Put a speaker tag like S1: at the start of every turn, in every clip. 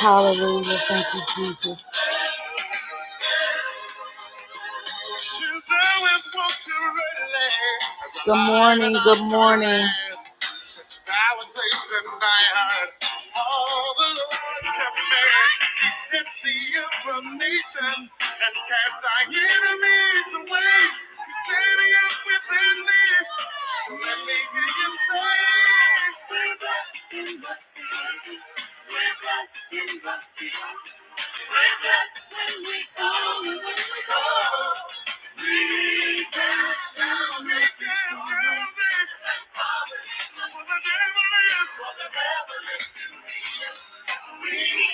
S1: Hallelujah. Thank you, Jesus. Good morning, good morning. We're blessed when we come and when we go.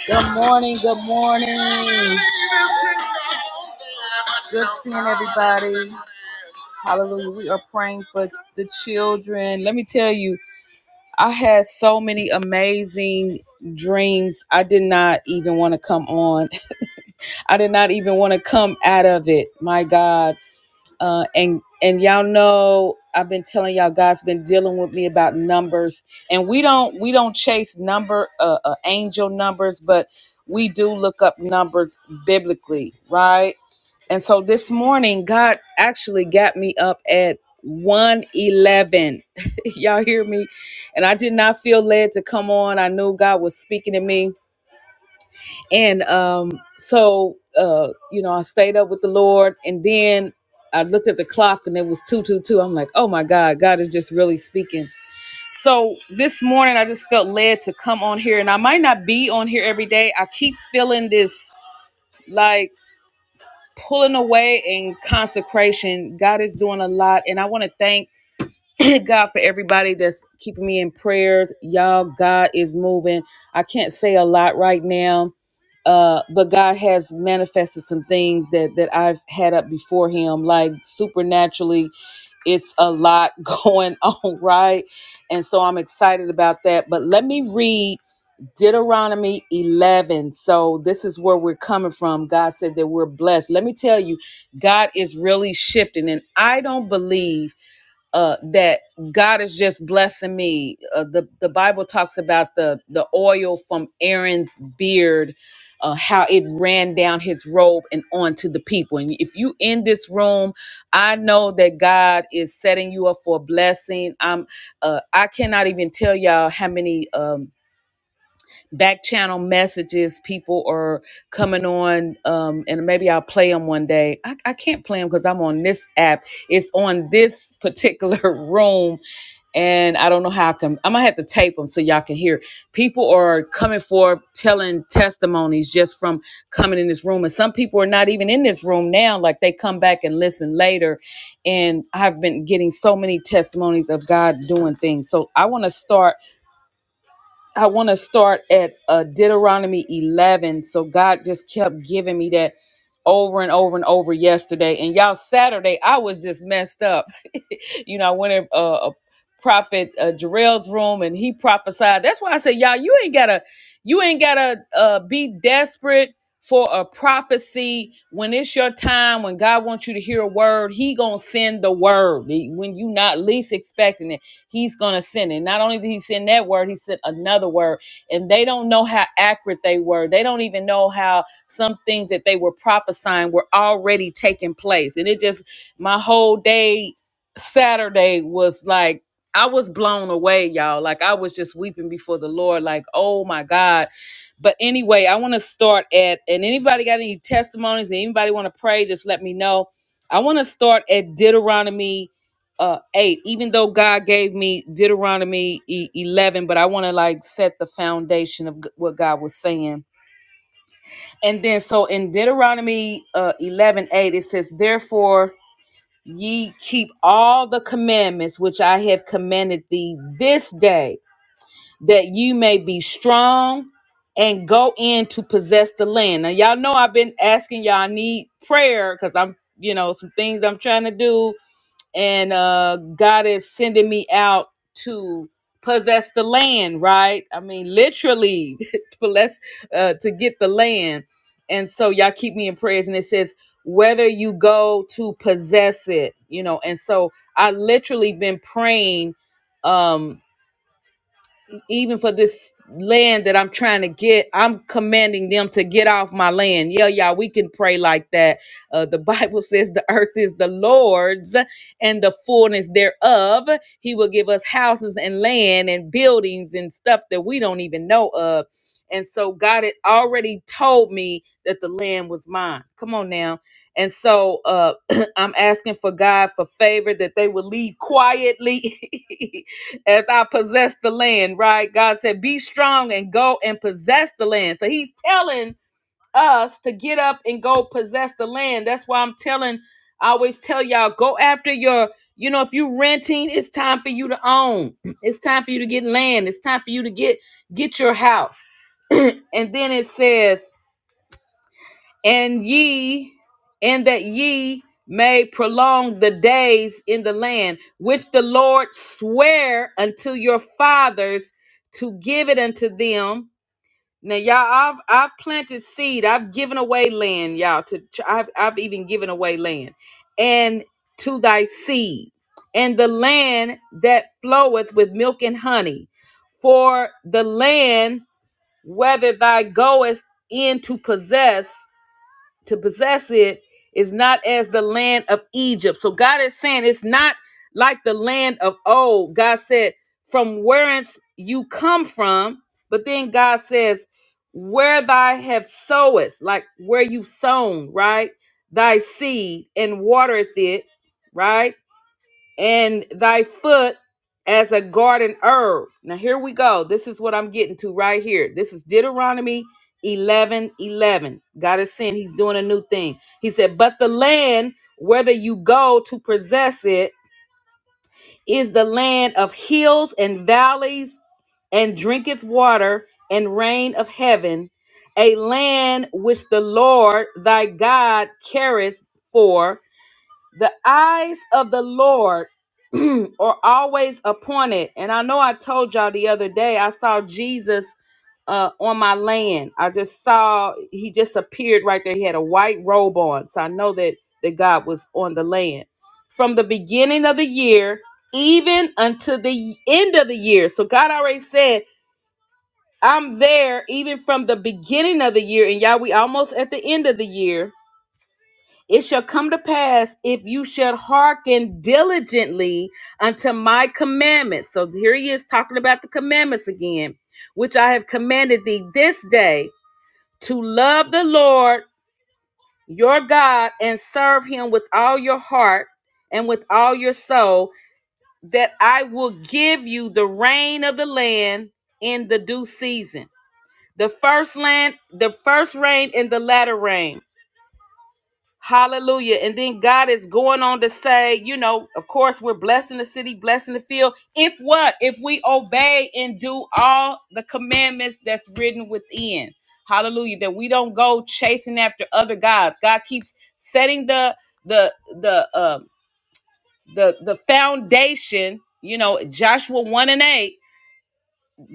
S1: Good morning, good morning. Good seeing everybody. Hallelujah. We are praying for the children. Let me tell you, I had so many amazing dreams. I did not even want to come on. I did not even want to come out of it. My God uh, and and y'all know I've been telling y'all God's been dealing with me about numbers, and we don't we don't chase number uh, uh, angel numbers, but we do look up numbers biblically, right? And so this morning, God actually got me up at one eleven. y'all hear me? And I did not feel led to come on. I knew God was speaking to me and um so uh you know i stayed up with the lord and then i looked at the clock and it was 222 i'm like oh my god god is just really speaking so this morning i just felt led to come on here and i might not be on here every day i keep feeling this like pulling away and consecration god is doing a lot and i want to thank god for everybody that's keeping me in prayers y'all god is moving i can't say a lot right now uh, but God has manifested some things that that I've had up before Him, like supernaturally. It's a lot going on, right? And so I'm excited about that. But let me read Deuteronomy 11. So this is where we're coming from. God said that we're blessed. Let me tell you, God is really shifting, and I don't believe uh, that God is just blessing me. Uh, the the Bible talks about the the oil from Aaron's beard, uh, how it ran down his robe and onto the people. And if you in this room, I know that God is setting you up for a blessing. I'm uh, I cannot even tell y'all how many. Um, back channel messages people are coming on um and maybe i'll play them one day i, I can't play them because i'm on this app it's on this particular room and i don't know how i can i'm gonna have to tape them so y'all can hear people are coming forth telling testimonies just from coming in this room and some people are not even in this room now like they come back and listen later and i've been getting so many testimonies of god doing things so i want to start I want to start at uh, Deuteronomy 11. So God just kept giving me that over and over and over yesterday. And y'all, Saturday, I was just messed up. you know, I went in uh, a prophet uh, Jarrell's room and he prophesied. That's why I said, y'all, you ain't gotta, you ain't gotta uh, be desperate for a prophecy when it's your time when god wants you to hear a word he gonna send the word when you not least expecting it He's going to send it. Not only did he send that word, he sent another word. And they don't know how accurate they were. They don't even know how some things that they were prophesying were already taking place. And it just, my whole day Saturday was like, I was blown away, y'all. Like I was just weeping before the Lord, like, oh my God. But anyway, I want to start at, and anybody got any testimonies, anybody want to pray, just let me know. I want to start at Deuteronomy uh 8 even though god gave me deuteronomy e- 11 but i want to like set the foundation of g- what god was saying and then so in deuteronomy uh 11 8, it says therefore ye keep all the commandments which i have commanded thee this day that you may be strong and go in to possess the land now y'all know i've been asking y'all I need prayer because i'm you know some things i'm trying to do and uh God is sending me out to possess the land, right? I mean, literally, possess uh, to get the land. And so y'all keep me in prayers. And it says whether you go to possess it, you know. And so I literally been praying. Um, even for this land that I'm trying to get, I'm commanding them to get off my land. Yeah, yeah, we can pray like that. Uh, the Bible says the earth is the Lord's and the fullness thereof. He will give us houses and land and buildings and stuff that we don't even know of. And so God had already told me that the land was mine. Come on now. And so uh, I'm asking for God for favor that they will leave quietly as I possess the land, right? God said, Be strong and go and possess the land. So he's telling us to get up and go possess the land. That's why I'm telling, I always tell y'all, go after your, you know, if you are renting, it's time for you to own. It's time for you to get land. It's time for you to get get your house. and then it says, and ye and that ye may prolong the days in the land which the lord sware unto your fathers to give it unto them now y'all i've i've planted seed i've given away land y'all to i've, I've even given away land and to thy seed and the land that floweth with milk and honey for the land whether thou goest in to possess to possess it is not as the land of Egypt. So God is saying it's not like the land of old. God said, from whence you come from, but then God says, where thy have sowest, like where you've sown, right? Thy seed and watereth it, right? and thy foot as a garden herb. Now here we go. This is what I'm getting to right here. This is Deuteronomy 11 11. God is saying he's doing a new thing. He said, but the land, whether you go to possess it, is the land of hills and valleys and drinketh water and rain of heaven, a land which the Lord thy God careth for. The eyes of the Lord are always appointed. And I know I told y'all the other day, I saw Jesus uh, on my land. I just saw, he just appeared right there. He had a white robe on. So I know that, that God was on the land. From the beginning of the year, even until the end of the year. So God already said, I'm there even from the beginning of the year. And y'all, we almost at the end of the year it shall come to pass if you shall hearken diligently unto my commandments. So here he is talking about the commandments again, which I have commanded thee this day to love the Lord your God and serve him with all your heart and with all your soul, that I will give you the rain of the land in the due season. The first land, the first rain and the latter rain Hallelujah. And then God is going on to say, you know, of course, we're blessing the city, blessing the field. If what? If we obey and do all the commandments that's written within. Hallelujah. That we don't go chasing after other gods. God keeps setting the the the um the the foundation, you know, Joshua 1 and 8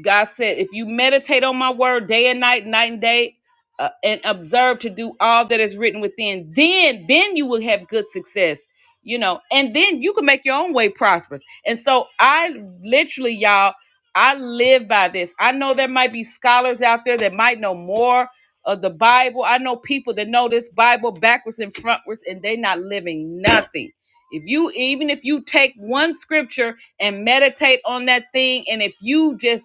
S1: God said, if you meditate on my word day and night, night and day, uh, and observe to do all that is written within, then then you will have good success. You know, and then you can make your own way prosperous. And so I literally, y'all, I live by this. I know there might be scholars out there that might know more of the Bible. I know people that know this Bible backwards and frontwards, and they're not living nothing. If you even if you take one scripture and meditate on that thing, and if you just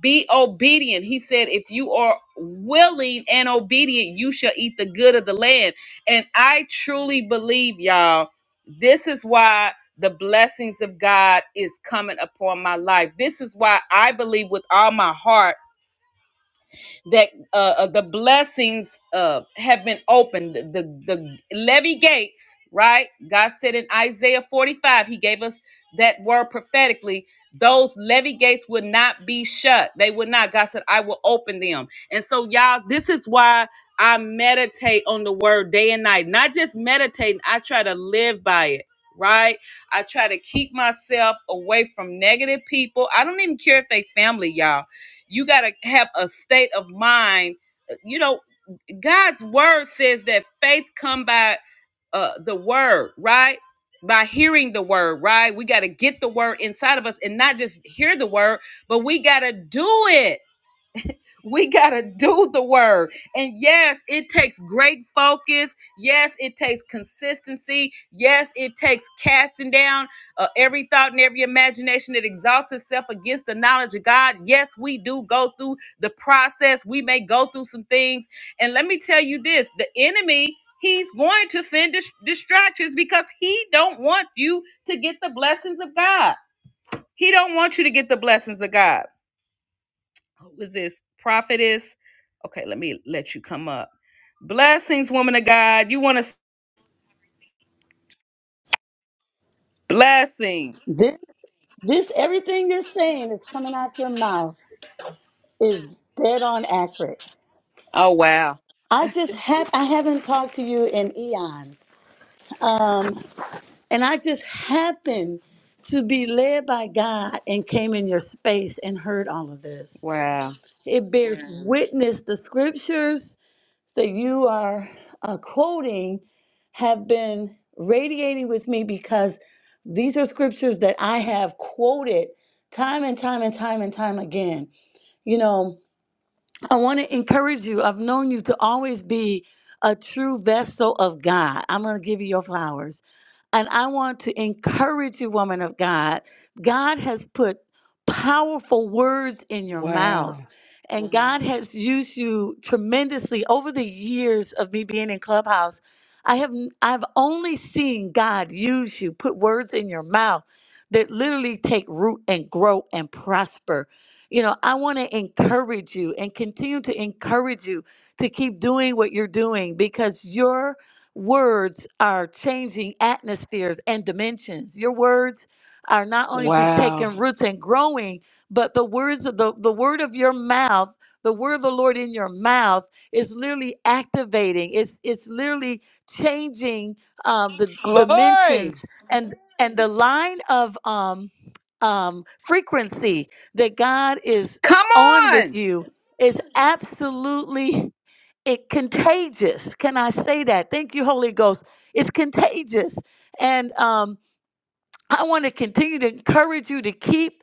S1: be obedient. He said, if you are willing and obedient, you shall eat the good of the land. And I truly believe, y'all, this is why the blessings of God is coming upon my life. This is why I believe with all my heart that uh, uh, the blessings uh, have been opened. The, the the levy gates, right? God said in Isaiah 45, He gave us that word prophetically. Those levy gates would not be shut. They would not. God said, I will open them. And so, y'all, this is why I meditate on the word day and night. Not just meditating, I try to live by it, right? I try to keep myself away from negative people. I don't even care if they family, y'all. You got to have a state of mind. uh, You know, God's word says that faith come by uh the word, right? By hearing the word, right? We got to get the word inside of us and not just hear the word, but we got to do it. We got to do the word. And yes, it takes great focus. Yes, it takes consistency. Yes, it takes casting down uh, every thought and every imagination that exhausts itself against the knowledge of God. Yes, we do go through the process. We may go through some things. And let me tell you this, the enemy He's going to send dis- distractions because he don't want you to get the blessings of God. He don't want you to get the blessings of God who is this prophetess okay let me let you come up blessings woman of god you want to blessings
S2: This, this, everything you're saying that's coming out your mouth is dead on accurate.
S1: Oh, wow.
S2: I just have, I haven't talked to you in eons. Um, and I just happened to be led by God and came in your space and heard all of this.
S1: Wow.
S2: It bears Mhm. witness the scriptures that you are uh, quoting have been radiating with me because these are scriptures that I have quoted time and time and time and time again You know, I want to encourage you. I've known you to always be a true vessel of God. I'm going to give you your flowers. And I want to encourage you, woman of God. God has put powerful words in your mouth.
S1: Wow.
S2: And Mhm. God has used you tremendously over the years of me being in Clubhouse. I have I've only seen God use you, put words in your mouth that literally take root and grow and prosper. You know, I want to encourage you and continue to encourage you to keep doing what you're doing because your words are changing atmospheres and dimensions. Your words are not only just
S1: Wow.
S2: taking roots and growing, but the words of the, the word of your mouth, the word of the Lord in your mouth is literally activating. It's it's literally changing um, the
S1: Glory.
S2: dimensions and the line of um um frequency that God is
S1: come
S2: on with
S1: on
S2: you is absolutely it contagious. Can I say that? Thank you, Holy Ghost. It's contagious. And um I want to continue to encourage you to keep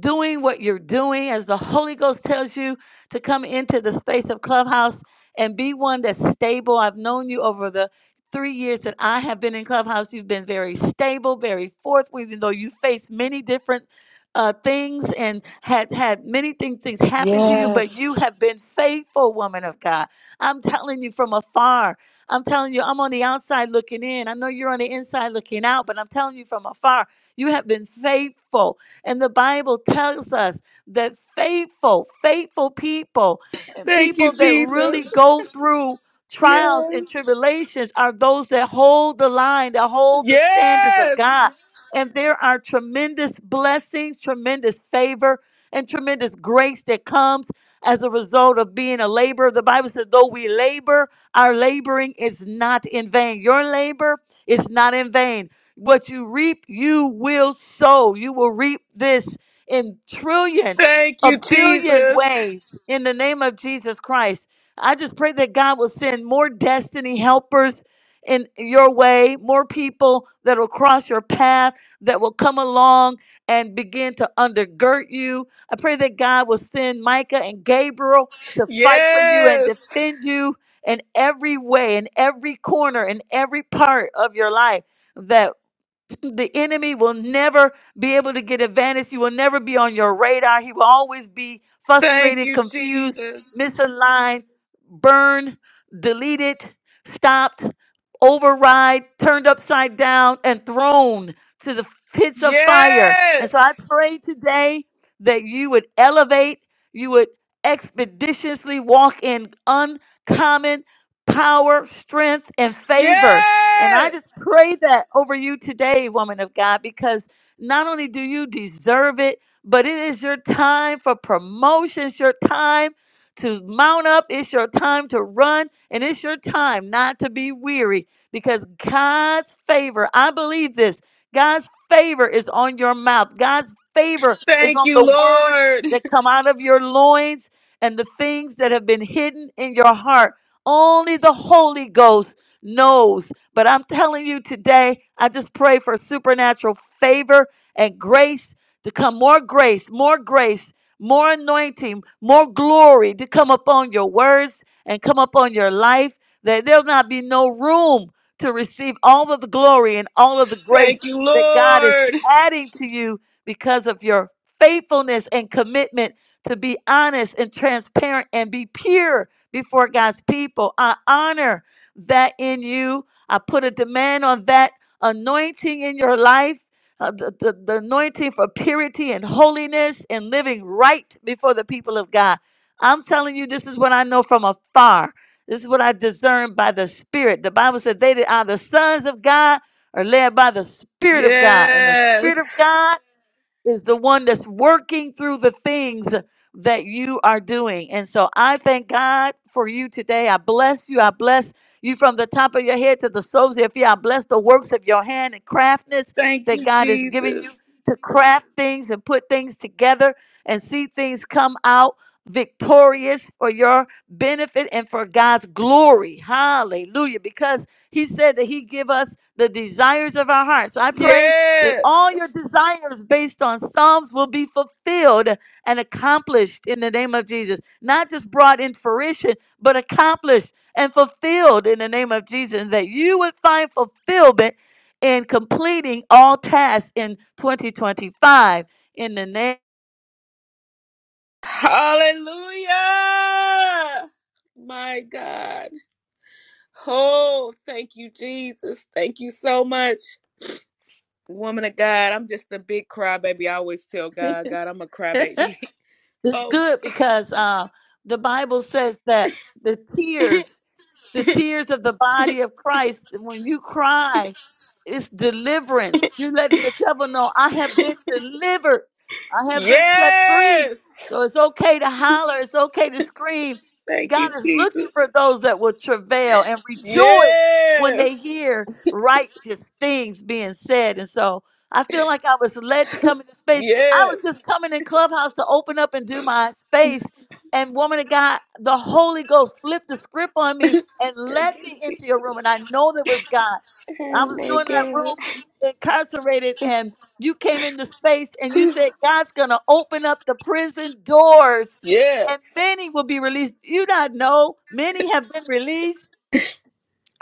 S2: doing what you're doing as the Holy Ghost tells you to come into the space of Clubhouse and be one that's stable. I've known you over the three years that I have been in Clubhouse. You've been very stable, very forthright, even though you faced many different uh, things and had had many thing, things happen to you, but you
S1: Yes.
S2: have been faithful, woman of God. I'm telling you from afar. I'm telling you, I'm on the outside looking in. I know you're on the inside looking out, but I'm telling you from afar, you have been faithful and the Bible tells us that faithful, faithful people
S1: thank
S2: People
S1: you
S2: that
S1: jesus
S2: really go through trials
S1: yes
S2: and tribulations are those that hold the line, that hold the standards of
S1: yes
S2: God. And there are tremendous blessings, tremendous favor, and tremendous grace that comes as a result of being a laborer. The Bible says, though we labor, our laboring is not in vain. Your labor is not in vain. What you reap, you will sow. You will reap this in trillion,
S1: thank
S2: a
S1: you
S2: billion
S1: jesus
S2: ways in the name of Jesus Christ. I just pray that God will send more destiny helpers in your way, more people that will cross your path, that will come along and begin to undergird you. I pray that God will send Micah and Gabriel to fight for you and
S1: yes
S2: defend you in every way, in every corner, in every part of your life. That. the enemy will never be able to get advantage. He will never be on your radar. He will always be
S1: thank
S2: frustrated,
S1: you
S2: confused,
S1: jesus
S2: misaligned, burned, deleted, stopped, override, turned upside down, and thrown to the pits of fire.
S1: yes
S2: And so I pray today that you would elevate, you would expeditiously walk in uncommon power, strength, and favor and I
S1: yes
S2: just pray that over you today, woman of God, because not only do you deserve it, but it is your time for promotion. It's your time to mount up. It's your time to run. And it's your time not to be weary because God's favor, I believe this, God's favor is on your mouth. God's favor is
S1: thank
S2: on
S1: you
S2: the words
S1: lord
S2: that come out of your loins and the things that have been hidden in your heart. Only the Holy Ghost knows. But I'm telling you today, I just pray for supernatural favor and grace to come more grace, more grace, more anointing, more glory to come upon your words and come upon your life, that there'll not be no room to receive all of the glory and all of the grace
S1: Thank you,
S2: that God is
S1: Lord.
S2: adding to you because of your faithfulness and commitment to be honest and transparent and be pure before God's people. I honor that in you I put a demand on that anointing in your life, uh, the, the, the anointing for purity and holiness and living right before the people of God. I'm telling you, this is what I know from afar. This is what I discern by the Spirit. The Bible says they that are the sons of God are led by the Spirit of God, and the Spirit of
S1: Yes.
S2: God is the one that's working through the things that you are doing. And so I thank God for you today. I bless you. I bless you from the top of your head to the soles of your feet. I bless the works of your hand and craftness
S1: Thank
S2: that
S1: you,
S2: God is giving
S1: Jesus.
S2: you to craft things and put things together and see things come out victorious for your benefit and for God's glory. Hallelujah. Because he said that he give us the desires of our hearts. So I pray that
S1: Yes.
S2: all your desires based on Psalms will be fulfilled and accomplished in the name of Jesus. Not just brought in fruition, but accomplished and fulfilled in the name of Jesus. And that you would find fulfillment in completing all tasks in 2025 in the name.
S1: Hallelujah. My God. Oh, thank you, Jesus. Thank you so much. Woman of God, I'm just a big crybaby. I always tell God, God, I'm a crybaby.
S2: it's
S1: Oh my.
S2: good because uh, the Bible says that the tears the tears of the body of Christ, when you cry, it's deliverance. You're letting the devil know, I have been delivered. I have been set free.
S1: Yes.
S2: So it's okay to holler. It's okay to scream.
S1: Thank you,
S2: God is looking
S1: Jesus.
S2: for those that will travail and rejoice when
S1: Yes.
S2: they hear righteous things being said. And so I feel like I was led to come into space. I was
S1: Yes.
S2: just coming in Clubhouse to open up and do my space and woman of God, the Holy Ghost flipped the script on me and
S1: Thank
S2: led
S1: you,
S2: me
S1: Jesus.
S2: into your room. And I know that was God. I
S1: Hey,
S2: was
S1: my
S2: doing that
S1: God.
S2: room incarcerated, and you came into space and you said, God's going to open up the prison doors and
S1: Yes.
S2: many will be released. You not know. Many have been released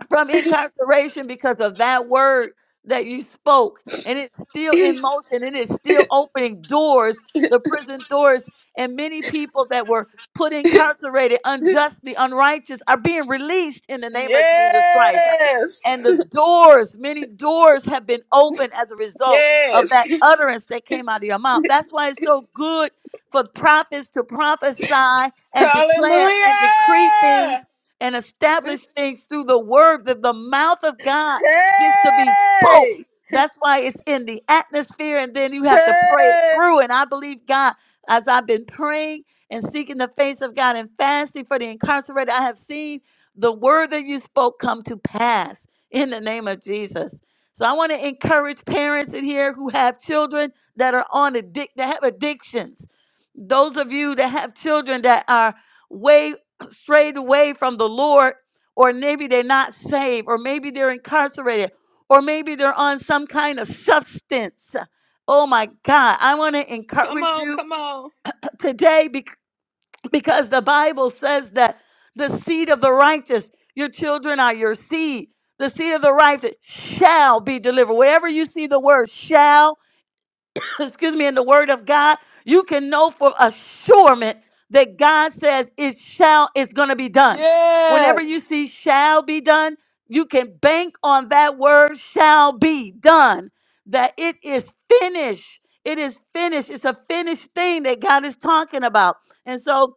S2: from incarceration because of that word that you spoke. And it's still in motion and it's still opening doors, the prison doors. And many people that were put incarcerated unjustly, unrighteous, are being released in the name of Jesus Christ.
S1: Yes.
S2: And the doors, many doors have been opened as a result of
S1: Yes.
S2: that utterance that came out of your mouth. That's why it's so good for prophets to prophesy and declare
S1: Hallelujah.
S2: and decree things and establish things through the word that the mouth of God gets to be spoke.
S1: Hey.
S2: That's why it's in the atmosphere, and then you have to pray it
S1: Hey.
S2: through. And I believe God, as I've been praying and seeking the face of God and fasting for the incarcerated, I have seen the word that you spoke come to pass in the name of Jesus. So I want to encourage parents in here who have children that are on addic that have addictions. Those of you that have children that are way strayed away from the Lord, or maybe they're not saved, or maybe they're incarcerated, or maybe they're on some kind of substance. Oh my God. I want to
S1: Come
S2: encourage
S1: on.
S2: you
S1: Come on.
S2: today because the Bible says that the seed of the righteous, your children are your seed. The seed of the righteous shall be delivered. Wherever you see the word shall, excuse me, in the word of God, you can know for assurement that God says it shall, it's going to be done. Whenever you
S1: Yes.
S2: see shall be done, you can bank on that word shall be done, that it is finished. It is finished. It's a finished thing that God is talking about. And so,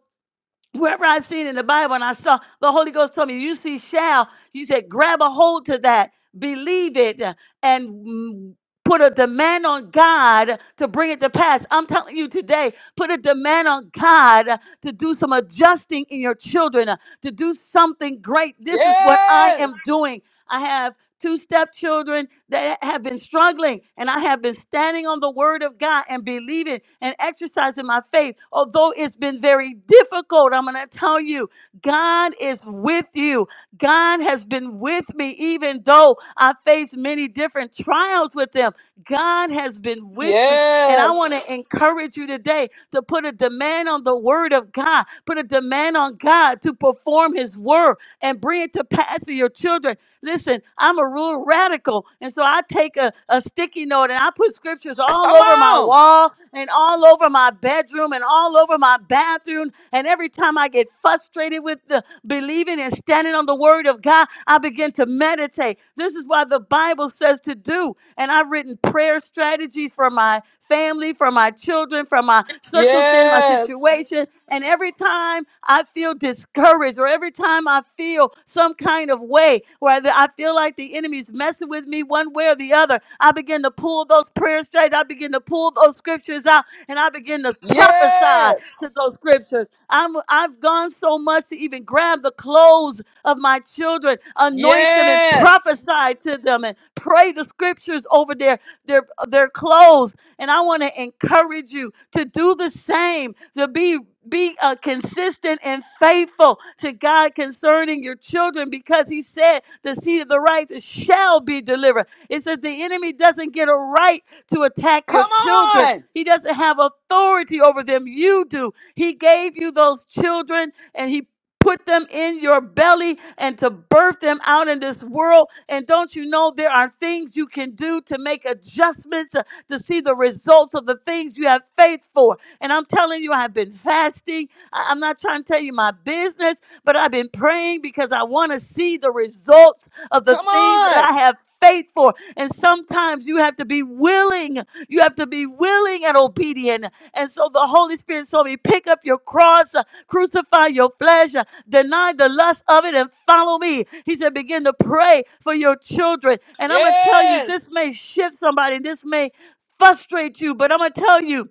S2: wherever I seen in the Bible and I saw the Holy Ghost told me, you see shall, you said grab a hold to that, believe it, uh, and mm, put a demand on God to bring it to pass. I'm telling you today, put a demand on God uh, to do some adjusting in your children, uh, to do something great. This is what I
S1: Yes.
S2: am doing. I have two step children that have been struggling, and I have been standing on the word of God and believing and exercising my faith. Although it's been very difficult, I'm going to tell you, God is with you. God has been with me, even though I faced many different trials with them. God has been with me. And I want
S1: Yes.
S2: to encourage you today to put a demand on the word of God, put a demand on God to perform his word and bring it to pass for your children. Listen, I'm a real radical. And so I take a, a sticky note and I put scriptures all
S1: Come
S2: over my
S1: on.
S2: wall and all over my bedroom and all over my bathroom. And every time I get frustrated with the believing and standing on the word of God, I begin to meditate. This is what the Bible says to do. And I've written prayer strategies for my family, from my children, from my circumstance, my
S1: Yes.
S2: situation. And every time I feel discouraged or every time I feel some kind of way where I feel like the enemy's messing with me one way or the other, I begin to pull those prayer straight. I begin to pull those scriptures out and I begin to prophesy
S1: Yes.
S2: to those scriptures. I'm, I've gone so much to even grab the clothes of my children, anoint them and
S1: Yes.
S2: prophesy to them and pray the scriptures over their, their, their clothes and I want to encourage you to do the same, to be be uh, consistent and faithful to God concerning your children because he said the seed of the righteous shall be delivered. It says the enemy doesn't get a right to attack your
S1: Come
S2: children.
S1: on.
S2: He doesn't have authority over them. You do. He gave you those children and he put them in your belly and to birth them out in this world. And don't you know there are things you can do to make adjustments? to see the results of the things you have faith for. And I'm telling you, I've been fasting. I- I'm not trying to tell you my business, but I've been praying because I want to see the results of the
S1: Come
S2: things that
S1: on.
S2: I have faith for. And sometimes you have to be willing. You have to be willing and obedient. And so the Holy Spirit told me, pick up your cross, uh, crucify your flesh, uh, deny the lust of it, and follow me. He said, begin to pray for your children. And I'm going to tell you,
S1: Yes.
S2: this may shift somebody. This may frustrate you, but I'm gonna tell you,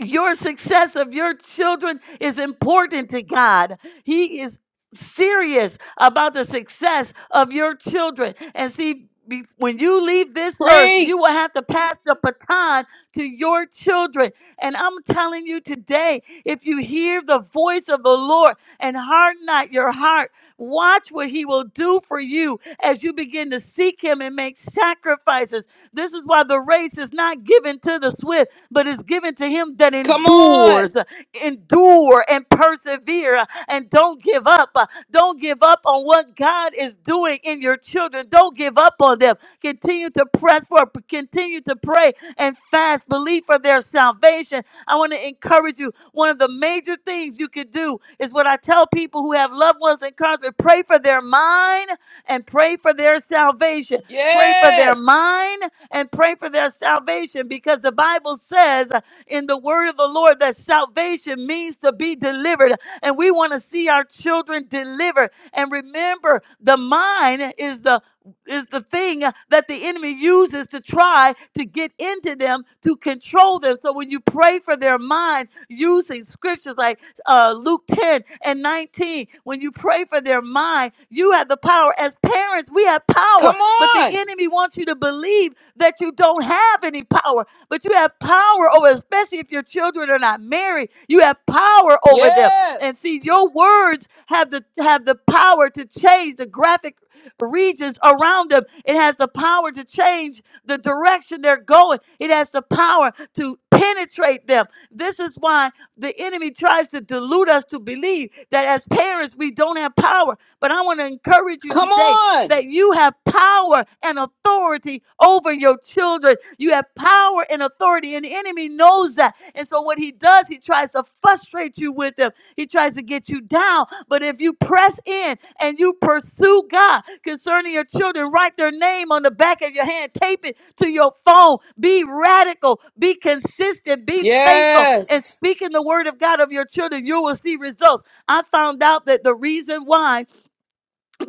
S2: your success of your children is important to God. He is serious about the success of your children. And see, be- when you leave this earth, you will
S1: Preach.
S2: have to pass the baton to your children. And I'm telling you today, if you hear the voice of the Lord and harden not your heart, watch what he will do for you as you begin to seek him and make sacrifices. This is why the race is not given to the swift but it's given to him that
S1: Come
S2: endures,
S1: on.
S2: endure and persevere and don't give up. Don't give up on what God is doing in your children. Don't give up on them. Continue to press for, continue to pray and fast, believe for their salvation. I want to encourage you. One of the major things you can do is what I tell people who have loved ones in Congress pray for their mind and pray for their salvation. Pray for their
S1: Yes.
S2: mind and pray for their salvation because the Bible says in the word of the Lord that salvation means to be delivered. And we want to see our children delivered. And remember, the mind is the is the thing that the enemy uses to try to get into them to control them. So when you pray for their mind using scriptures like uh, Luke 10 and 19, when you pray for their mind, you have the power. As parents, we have
S1: Come
S2: power, but the
S1: on.
S2: enemy wants you to believe that you don't have any power, but you have power over, especially if your children are not married, you have power over them.
S1: Yes.
S2: And see, your words have the have the power to change the graphic regions around them. It has the power to change the direction they're going, it has the power to penetrate them. This is why the enemy tries to delude us to believe that as parents we don't have power. But I want to encourage you
S1: Come
S2: today
S1: on.
S2: that you have power and authority over your children. You have power and authority, and the enemy knows that. And so, what he does, he tries to frustrate you with them. He tries to get you down. But if you press in and you pursue God concerning your children, write their name on the back of your hand, tape it to your phone. Be radical, be consistent, be faithful, and
S1: Yes.
S2: speaking the word of God of your children, you will see results. I found out that the reason why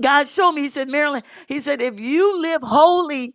S2: God showed me, He said, Marilyn, He said, if you live holy,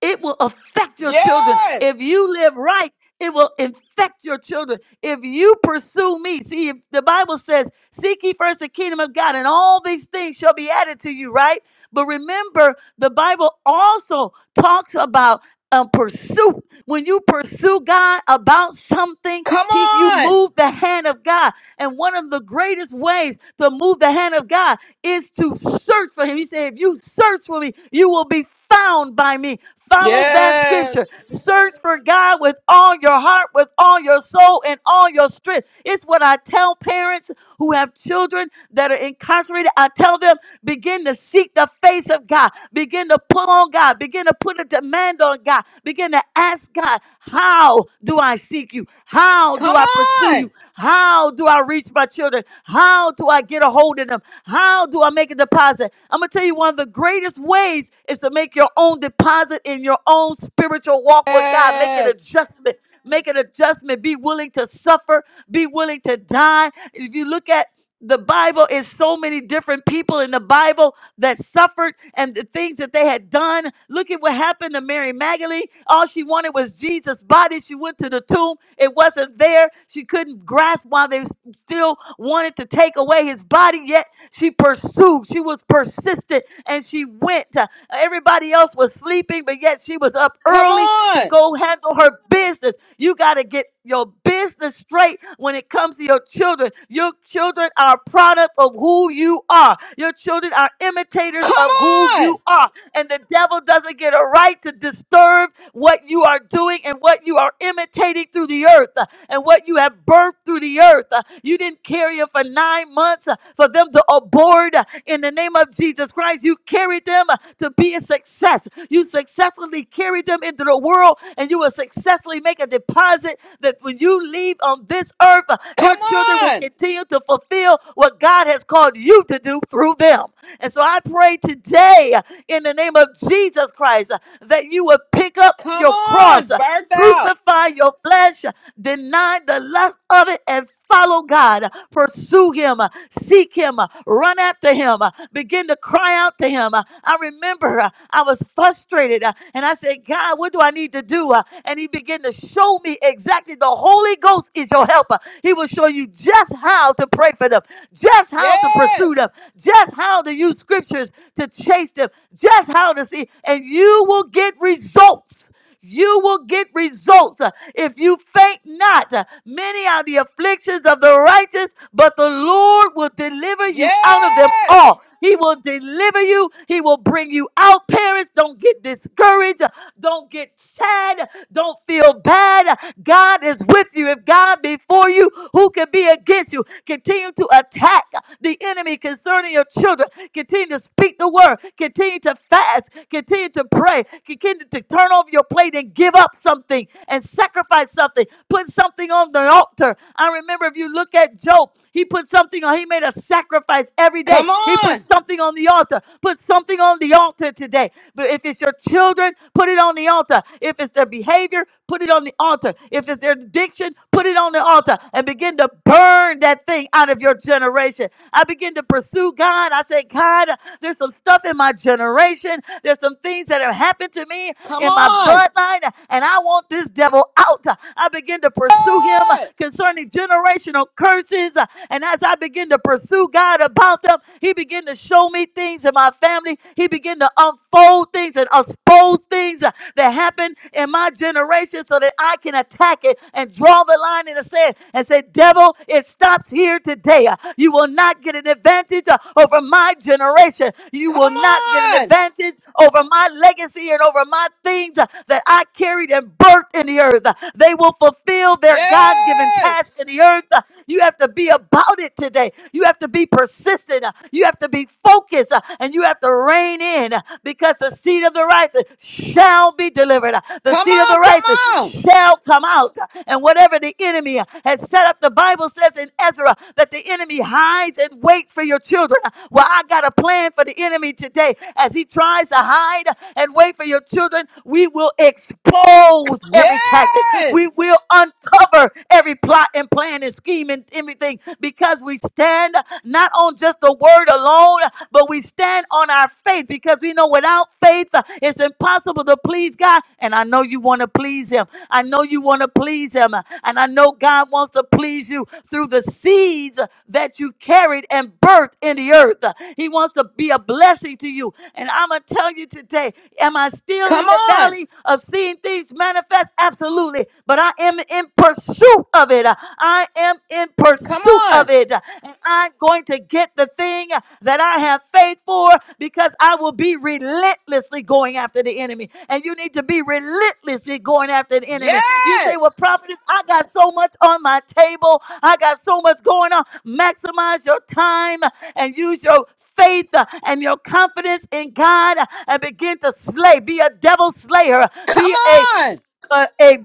S2: it will affect your children. If
S1: Yes.
S2: you live right, it will infect your children. If you pursue me, see, if the Bible says, Seek ye first the kingdom of God, and all these things shall be added to you, right? But remember, the Bible also talks about um, pursuit. When you pursue God about something,
S1: Come
S2: he, you
S1: on.
S2: move the hand of God. And one of the greatest ways to move the hand of God is to search for Him. He said, If you search for me, you will be found by me. Follow that scripture.
S1: Yes.
S2: Search for God with all your heart, with all your soul, and all your strength. It's what I tell parents who have children that are incarcerated. I tell them Begin to seek the face of God. Begin to put on God. Begin to put a demand on God. Begin to ask God, how do I seek you? How do
S1: Come
S2: I pursue
S1: on.
S2: you? How do I reach my children? How do I get a hold of them? How do I make a deposit? I'm going to tell you one of the greatest ways is to make your own deposit in your own spiritual walk with God. Make an
S1: Yes.
S2: adjustment. Make an adjustment. Be willing to suffer. Be willing to die. If you look at the Bible is so many different people in the Bible that suffered and the things that they had done. Look at what happened to Mary Magdalene. All she wanted was Jesus' body. She went to the tomb, it wasn't there. She couldn't grasp why they still wanted to take away his body, yet she pursued. She was persistent and she went. Uh, Everybody else was sleeping, but yet she was up
S1: Come
S2: early to
S1: on.
S2: go handle her business. You got to get your business straight when it comes to your children. Your children are a product of who you are. Your children are imitators
S1: Come
S2: of who you
S1: on.
S2: are and the devil doesn't get a right to disturb what you are doing and what you are imitating through the earth uh, and what you have birthed through the earth. Uh, You didn't carry them for nine months uh, for them to abort uh, in the name of Jesus Christ. You carried them uh, to be a success. You successfully carried them into the world and you will successfully make a deposit that when you leave on this earth, uh, your
S1: Come
S2: children will
S1: on.
S2: continue to fulfill what God has called you to do through through them. And so I pray today uh, in the name of Jesus Christ uh, that you would pick up
S1: Come
S2: your
S1: on.
S2: cross, uh,
S1: Birth out.
S2: crucify your flesh, uh, deny the lust of it, and Follow God, uh, pursue Him, uh, seek Him, uh, run after Him, uh, begin to cry out to Him. Uh, I remember uh, I was frustrated uh, and I said, God, what do I need to do? Uh, And He began to show me exactly the Holy Ghost is your helper. He will show you just how how to pray for them, just how to
S1: Yes.
S2: pursue them, just how to use scriptures to chase them, just how to see, and you will get results. You will get results uh, if you faint not. Uh, Many are the afflictions of the righteous, but the Lord will deliver you out of them
S1: Yes.
S2: all. He will deliver you. He will bring you out, parents. Don't get discouraged. Don't get sad. Don't feel bad. God is with you. If God be for you, who can be against you? Continue to attack the enemy concerning your children. Continue to speak the word. Continue to fast. Continue to pray. Continue to turn over your plate and give up something and sacrifice something. Put something on the altar. I remember if you look at Job, he put something on, he made a sacrifice sacrifice every day.
S1: Come
S2: He put
S1: on.
S2: something on the altar. Put something on the altar today. But if it's your children, put it on the altar. If it's their behavior, put it on the altar. If it's their addiction, put it on the altar and begin to burn that thing out of your generation. I begin to pursue God. I say, God, there's some stuff in my generation. There's some things that have happened to me
S1: Come
S2: in my
S1: on.
S2: bloodline, and I want this devil out. I begin to pursue him
S1: Yes.
S2: concerning generational curses and as I begin to pursue God about them, He began to show me things in my family. He began to unfold things and expose things uh, that happened in my generation so that I can attack it and draw the line in the sand and say, Devil, it stops here today. Uh, You will not get an advantage uh, over my generation. You
S1: Come
S2: will not get an
S1: on.
S2: advantage over my legacy and over my things uh, that I carried and birthed in the earth. Uh, They will fulfill their God given task in
S1: Yes.
S2: the earth earth. Uh, You have to be about it today. You have to be persistent. Uh, You have to be focused uh, and you have to rein in uh, because the seed of the righteous shall be delivered. Uh, The
S1: Come
S2: seed of
S1: on.
S2: the
S1: Come
S2: righteous
S1: on.
S2: shall come out. Uh, And whatever the enemy uh, has set up, the Bible says in Ezra that the enemy hides and waits for your children. Uh, Well, I got a plan for the enemy today as he tries to hide and wait for your children. We will expose every tactic. We
S1: Yes.
S2: will uncover counter every plot and plan and scheme and everything because we stand not on just the word alone, but we stand on our faith because we know without faith uh, it's impossible to please God. And I know you want to please Him. I know you want to please Him. And I know God wants to please you through the seeds that you carried and birthed in the earth. He wants to be a blessing to you. And I'm going to tell you today, am I still
S1: Come
S2: in the
S1: on.
S2: valley of seeing things manifest? Absolutely it, but I am in pursuit of it. I am in
S1: Come
S2: pursuit
S1: on.
S2: of it. And I'm going to get the thing that I have faith for because I will be relentlessly going after the enemy. And you need to be relentlessly going after the enemy. You say, Well,
S1: Yes!
S2: prophetess, I got so much on my table, I got so much going on. Maximize your time and use your faith uh, and your confidence in God uh, and begin to slay. Be a devil slayer.
S1: Come
S2: Be a
S1: on!
S2: uh, a,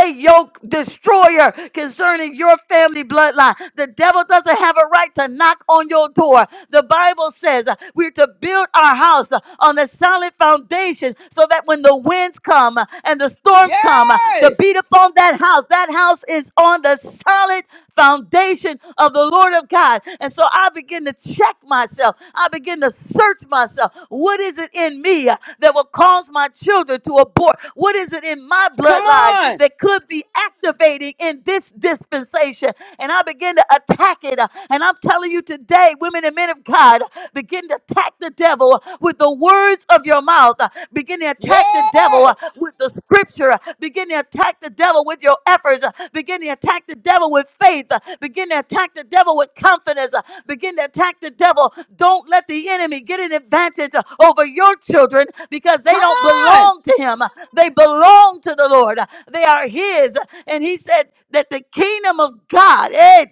S2: a yoke destroyer concerning your family bloodline. The devil doesn't have a right to knock on your door. The Bible says uh, we're to build our house uh, on a solid foundation so that when the winds come uh, and the storms come uh, to
S1: Yes!
S2: beat upon that house, that house is on the solid foundation of the Lord of God. And so I begin to check myself. I begin to search myself. What is it in me uh, that will cause my children to abort? What is it? present in my
S1: Come
S2: bloodline
S1: on!
S2: that could be activating in this dispensation. And I begin to attack it. And I'm telling you today, women and men of God, begin to attack the devil with the words of your mouth. Begin to attack the devil
S1: Yes!
S2: with the scripture. Begin to attack the devil with your efforts. Begin to attack the devil with faith. Begin to attack the devil with confidence. Begin to attack the devil. Don't let the enemy get an advantage over your children because they
S1: Come
S2: don't belong
S1: on!
S2: belong to him. They belong to the Lord. They are his. And he said that the kingdom of God eh,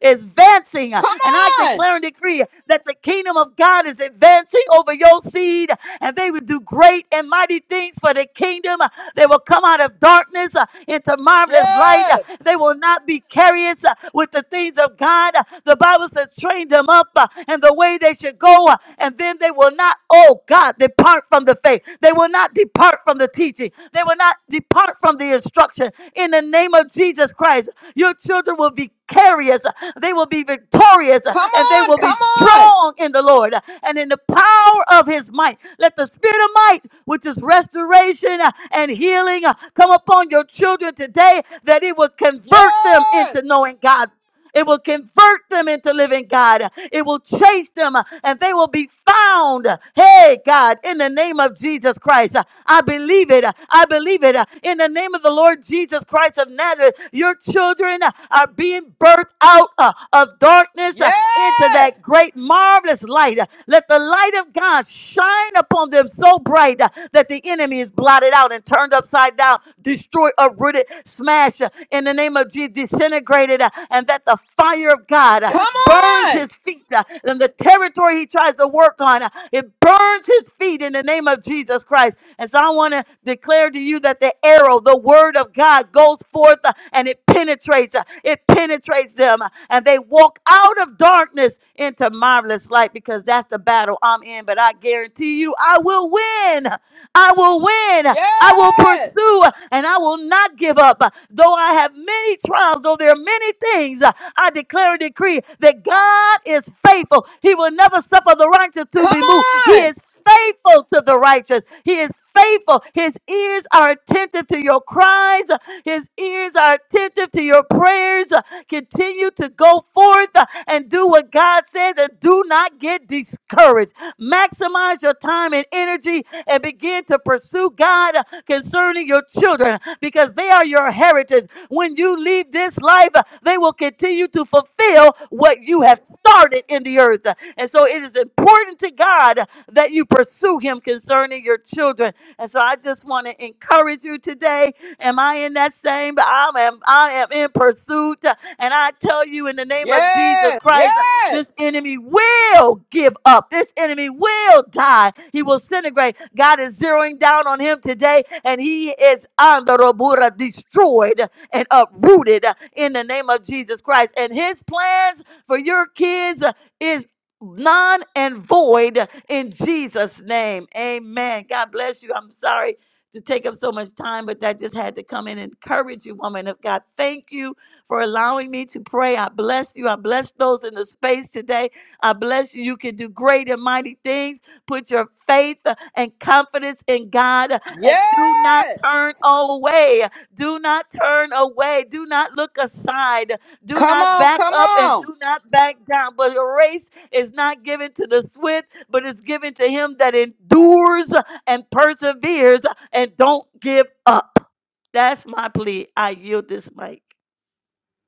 S2: is advancing.
S1: Come
S2: And I
S1: on!
S2: declare and decree that the kingdom of God is advancing over your seed and they will do great and mighty things for the kingdom. They will come out of darkness uh, into marvelous light. Uh,
S1: Yes!
S2: They will not be curious uh, with the things of God. Uh, The Bible says, train them up uh, in the way they should go, uh, and then they will not will not, oh God, depart from the faith. They will not depart from the teaching. They will not depart from the instruction. In the name of Jesus Christ, your children will be victorious. They will be victorious
S1: Come
S2: and they
S1: on!
S2: will be
S1: Come on!
S2: strong in the Lord and in the power of his might. Let the spirit of might, which is restoration and healing, come upon your children today that it will convert them into
S1: Yes!
S2: knowing God. It will convert them into living God. It will chase them uh, and they will be found. Hey, God, in the name of Jesus Christ, uh, I believe it. I believe it. Uh, In the name of the Lord Jesus Christ of Nazareth, your children uh, are being birthed out uh, of darkness uh, into
S1: Yes!
S2: that great, marvelous light. Uh, Let the light of God shine upon them so bright uh, that the enemy is blotted out and turned upside down, destroyed, uprooted, smashed uh, in the name of Jesus, disintegrated it uh, and that the fire of God uh,
S1: Come
S2: burns
S1: on!
S2: his feet uh, and the territory he tries to work on, uh, it burns his feet in the name of Jesus Christ. And so I want to declare to you that the arrow, the word of God, goes forth uh, and it penetrates. uh, It penetrates them uh, and they walk out of darkness into marvelous light because that's the battle I'm in. But I guarantee you, I will win. I will win. I will
S1: Yes!
S2: pursue and I will not give up. Though I have many trials, though there are many things, I declare and decree that God is faithful. He will never suffer the righteous to
S1: Come
S2: be moved. He
S1: on!
S2: is faithful to the righteous. He is faithful. His ears are attentive to your cries. His ears are attentive to your prayers. Continue continue to go forth uh, and do what God says and do not get discouraged. Maximize your time and energy and begin to pursue God uh, concerning your children because they are your heritage. When you leave this life, uh, they will continue to fulfill what you have started in the earth. And so it is important to God that you pursue pursue him concerning your children. And so I just want to encourage you today. Am I in that same? I am, I am in pursuit. And I tell you in the name of Jesus
S1: Yes!
S2: Christ, this
S1: Yes!
S2: enemy will give up. This enemy will die. He will disintegrate. God is zeroing down on him today, and he is under Robura destroyed and uprooted in the name of Jesus Christ. And his plans for your kids is non and void in Jesus' name. Amen. God bless you. I'm sorry to take up so much time, but that just had to come in and encourage you, woman of God. Thank you for allowing me to pray. I bless you. I bless those in the space today. I bless you. You can do great and mighty things. Put your faith uh, and confidence in God uh, and do not
S1: Yes!
S2: turn away. Do not turn away. Do not look aside. Do
S1: Come
S2: not
S1: on!
S2: back
S1: Come
S2: up and
S1: on!
S2: do not back down, but race is not given to the swift, but it's given to him that endures and perseveres and don't give up. That's my plea. I yield this mic.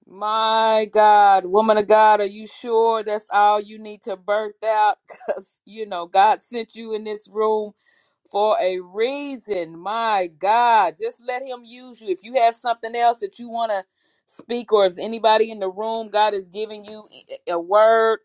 S1: My God, woman of God, are you sure that's all you need to birth out? Because, you know, God sent you in this room for a reason. My God, just let Him use you. If you have something else that you want to speak, or if anybody in the room, God is giving you a a word.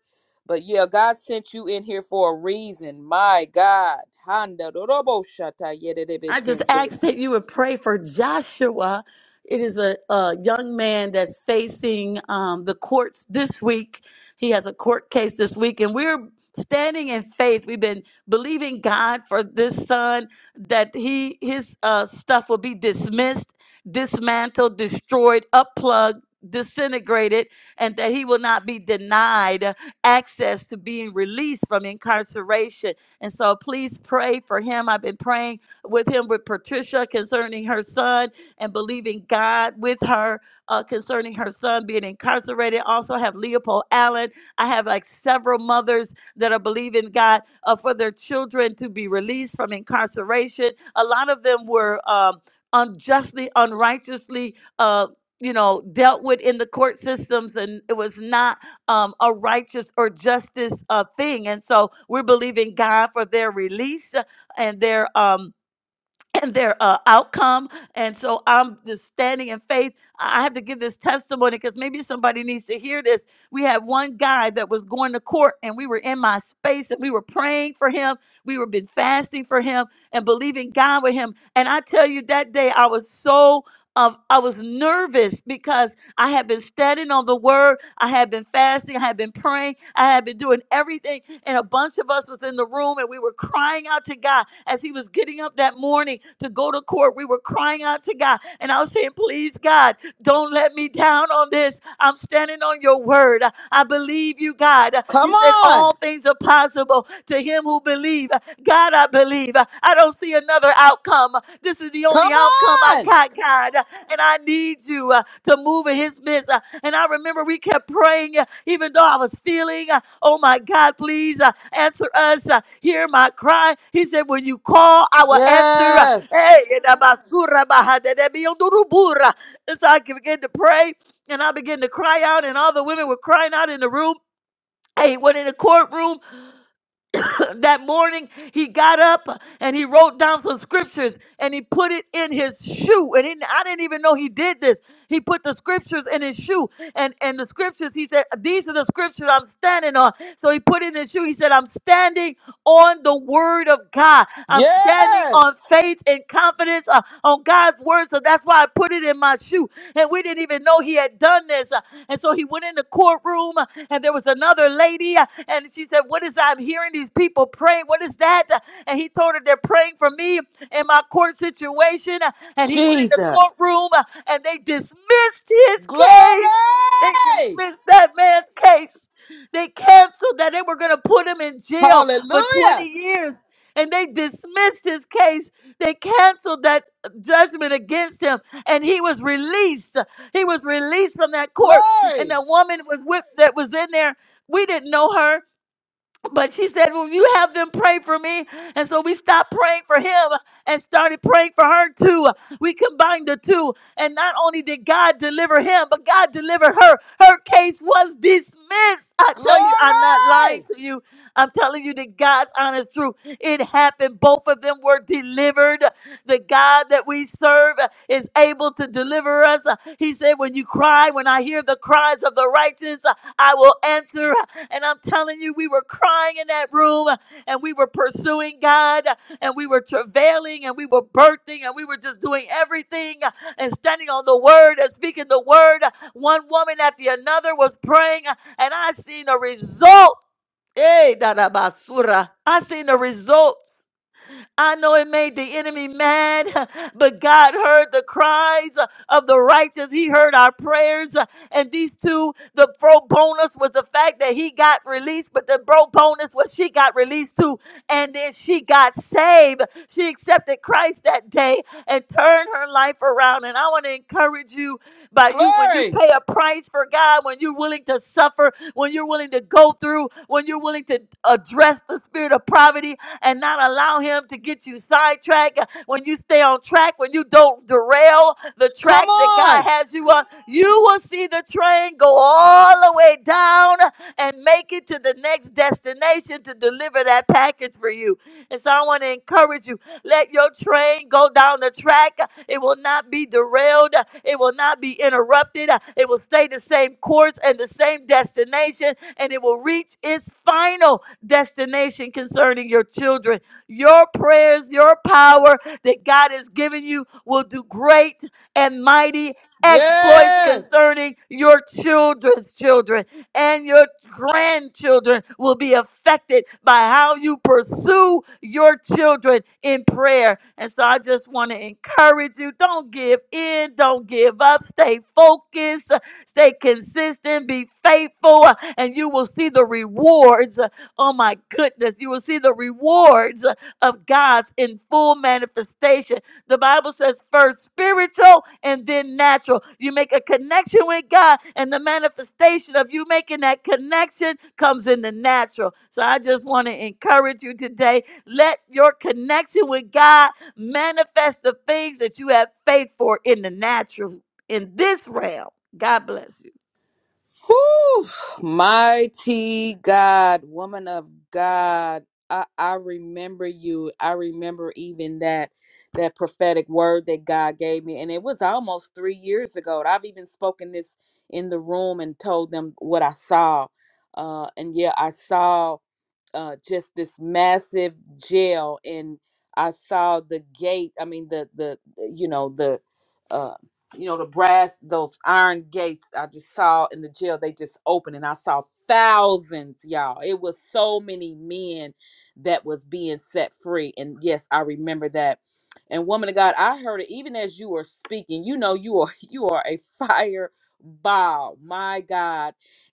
S1: But yeah, God sent you in here for a reason. My God. Handa dorobo shata yedede
S2: I just
S1: besende.
S2: asked that you would pray for Joshua. It is a, a young man that's facing um, the courts this week. He has a court case this week, and we're standing in faith. We've been believing God for this son that he his uh, stuff will be dismissed, dismantled, destroyed, upplugged. Disintegrated, and that he will not be denied access to being released from incarceration. And so, please pray for him. I've been praying with him with Patricia concerning her son and believing God with her uh, concerning her son being incarcerated. Also have Leopold Allen. I have like several mothers that are believing God uh, for their children to be released from incarceration. A lot of them were um, unjustly, unrighteously. Uh, you know, dealt with in the court systems, and it was not um, a righteous or justice uh, thing. And so we're believing God for their release and their um, and their uh, outcome. And so I'm just standing in faith. I I have to give this testimony because maybe somebody needs to hear this. We had one guy that was going to court, and we were in my space, and we were praying for him. We were been fasting for him and believing God with him. And I tell you, that day I was so. Of, I was nervous because I have been studying on the word. I have been fasting. I have been praying. I have been doing everything. And a bunch of us was in the room and we were crying out to God as he was getting up that morning to go to court. We were crying out to God. And I was saying, please, God. Don't let me down on this. I'm standing on your word. I believe you, God.
S1: Come
S2: You said
S1: on.
S2: all things are possible to him who believe. God, I believe. I don't see another outcome. This is the only
S1: Come
S2: outcome I
S1: on.
S2: got, God. And I need you uh, to move in his midst. Uh, And I remember we kept praying, uh, even though I was feeling, uh, oh my God, please uh, answer us. uh, Hear my cry. He said, when you call, I will answer. Uh,
S1: Yes.
S2: Hey, yedabasura bahadedebiyondurubura. And so I can begin to pray and I begin to cry out, and all the women were crying out in the room. Hey, went in the courtroom that morning. He got up and he wrote down some scriptures and he put it in his shoe. And he, I didn't even know he did this. He put the scriptures in his shoe. And and the scriptures, he said, These are the scriptures I'm standing on. So he put it in his shoe. He said, I'm standing on the word of God. I'm standing on
S1: Yes,
S2: faith and confidence uh, on God's word. So that's why I put it in my shoe. And we didn't even know he had done this. Uh, and so he went in the courtroom uh, and there was another lady. uh, and she said, What is I'm hearing these people praying? What is that? Uh, And he told her they're praying for me in my court situation. Uh, And he went in the
S1: Jesus.
S2: courtroom uh, and they dismissed his
S1: Glory.
S2: case. They dismissed that man's case. They canceled that. They were going to put him in jail for 20
S1: Hallelujah.
S2: years. And they dismissed his case. They canceled that uh, judgment against him. And he was released. He was released from that court. And
S1: Glory.
S2: that woman was with that was in there. We didn't know her. But she said, Will you have them pray for me? And so we stopped praying for him and started praying for her too. We combined the two. And not only did God deliver him, but God delivered her. Her case was dismissed. I tell you, I'm not lying
S1: Glory.
S2: to you. I'm telling you the God's honest truth. It happened. Both of them were delivered. The God that we serve is able to deliver us. He said, When you cry, when I hear the cries of the righteous, I will answer. And I'm telling you, we were crying in that room and we were pursuing God and we were travailing and we were birthing and we were just doing everything and standing on the word and speaking the word. One woman after another was praying and I seen a result. Hey, da da basura. I seen the result. I know it made the enemy mad, but God heard the cries uh, of the righteous. He heard our prayers. uh, And these two, the pro bonus was the fact that he got released, but the pro bonus was she got released too. And then she got saved. She accepted Christ that day and turned her life around. And I want to encourage you by you when you
S1: Glory.
S2: pay a price for God, when you're willing to suffer, when you're willing to go through, when you're willing to address the spirit of poverty and not allow him to get you sidetracked. When you stay on track, when you don't derail the
S1: Come
S2: tracks that God
S1: on.
S2: has you on, you will see the train go all the way down and make it to the next destination to deliver that package for you. And so I want to encourage you let your train go down the track. It will not be derailed, it will not be interrupted. It will stay the same course and the same destination, and it will reach its final destination concerning your children. Your prayers, your power that God has given you will do great and mighty exploits
S1: Yes.
S2: concerning your children's children and your grandchildren will be affected by how you pursue your children in prayer. And so I just want to encourage you don't give in, don't give up, stay focused, stay consistent, be faithful, and you will see the rewards Oh my goodness, you will see the rewards of God's in full manifestation. The Bible says first spiritual and then natural. You make a connection with God, and the manifestation of you making that connection comes in the natural. So I just want to encourage you today let your connection with God manifest the things that you have faith for in the natural, in this realm. God bless you.
S1: Whew, mighty God, woman of God, I, I remember you. I remember even that that prophetic word that God gave me, and it was almost three years ago. And I've even spoken this in the room and told them what I saw. Uh, and yeah, I saw uh, just this massive jail, and I saw the gate. I mean, the the you know the uh, you know the brass those iron gates. I just saw in the jail they just opened, and I saw thousands, y'all. It was so many men that was being set free, and yes, I remember that. And woman of God, I heard it even as you were speaking. You know, you are you are a fire. Wow, my God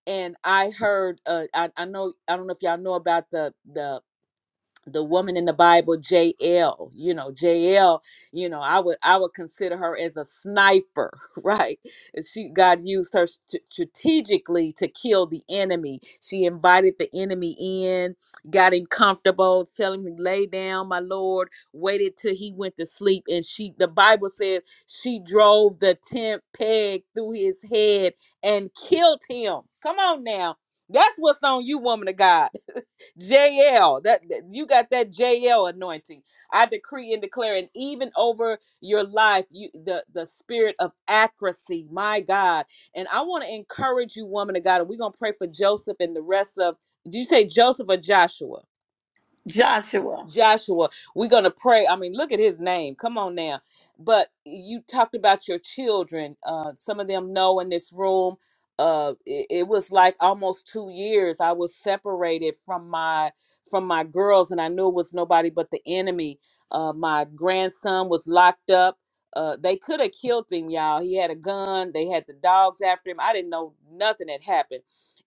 S1: and I heard uh I, I know I don't know if y'all know about the the the woman in the Bible, JL, you know, JL, you know, I would I would consider her as a sniper, right? And She God used her st- strategically to kill the enemy. She invited the enemy in, got him comfortable, telling him lay down, my lord, waited till he went to sleep and she the Bible says she drove the tent peg through his head and killed him. Come on now. That's what's on you, woman of God JL, that that- you got that JL anointing. I decree and declare, and even over your life, you the the spirit of accuracy, my God. And I want to encourage you, woman of God, and we're gonna pray for Joseph and the rest of. Do you say Joseph or Joshua?
S2: Joshua.
S1: Joshua, we're going to pray. I mean, look at his name. Come on now. But you talked about your children. Uh, some of them know in this room, uh, it, it was like almost two years I was separated from my from my girls, and I knew it was nobody but the enemy. Uh, my grandson was locked up. Uh, they could have killed him, y'all. He had a gun. They had the dogs after him. I didn't know nothing had happened,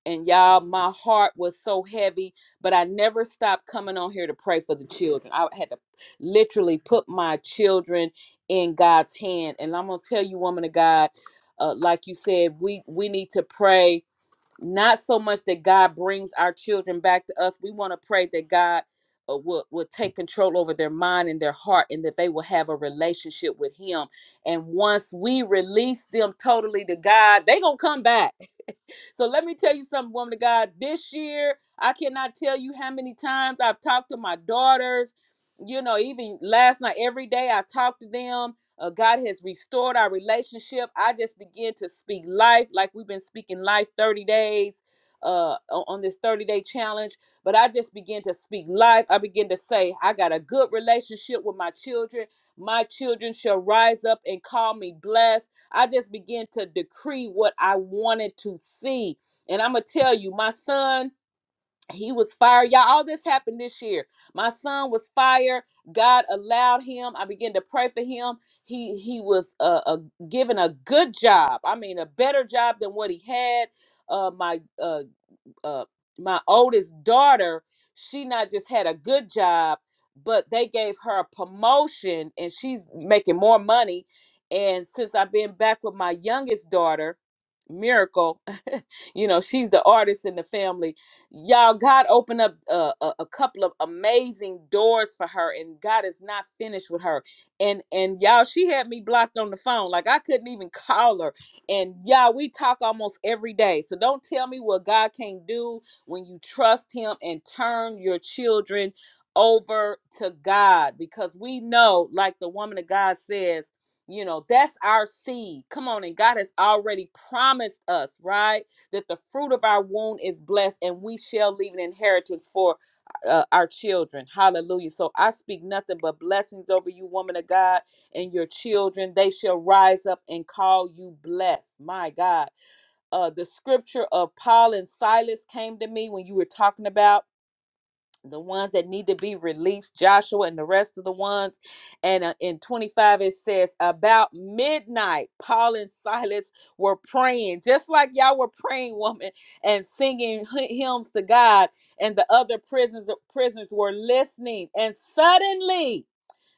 S1: and y'all, my heart was so heavy but I never stopped coming on here to pray for the children. I had to literally put my children in God's hand. And I'm gonna tell you, woman of God, uh, like you said, we we need to pray not so much that God brings our children back to us. We want to pray that God uh, will will take control over their mind and their heart, and that they will have a relationship with Him. And once we release them totally to God, they gonna come back so let me tell you something, woman of God. This year, I cannot tell you how many times I've talked to my daughters. You know, even last night, every day I talked to them. Uh, God has restored our relationship. I just begin to speak life like we've been speaking life 30 days uh, o- on this 30 day challenge. But I just begin to speak life. I begin to say, I got a good relationship with my children. My children shall rise up and call me blessed. I just began to decree what I wanted to see. And I'm going to tell you, my son, he was fired. Y'all, all this happened this year. My son was fired. God allowed him. I began to pray for him. He he was uh, uh, given a good job. I mean, a better job than what he had. Uh, my uh, uh, my oldest daughter, she not just had a good job, but they gave her a promotion and she's making more money. And since I've been back with my youngest daughter, Miracle, you know, she's the artist in the family. Y'all, God opened up uh, a, a couple of amazing doors for her, and God is not finished with her. And and y'all, she had me blocked on the phone, like I couldn't even call her and yeah, we talk almost every day. So don't tell me what God can't do when you trust Him and turn your children over to God. Because we know, like the woman of God says, you know, that's our seed. Come on. And God has already promised us, right? That the fruit of our womb is blessed and we shall leave an inheritance for uh, our children. Hallelujah. So I speak nothing but blessings over you, woman of God and your children. They shall rise up and call you blessed. My God. Uh, the scripture of Paul and Silas came to me when you were talking about the ones that need to be released, Joshua and the rest of the ones. And uh, in 25, it says, About midnight, Paul and Silas were praying, just like y'all were praying, woman, and singing hy- hymns to God. And the other prisoners, prisoners were listening. And suddenly,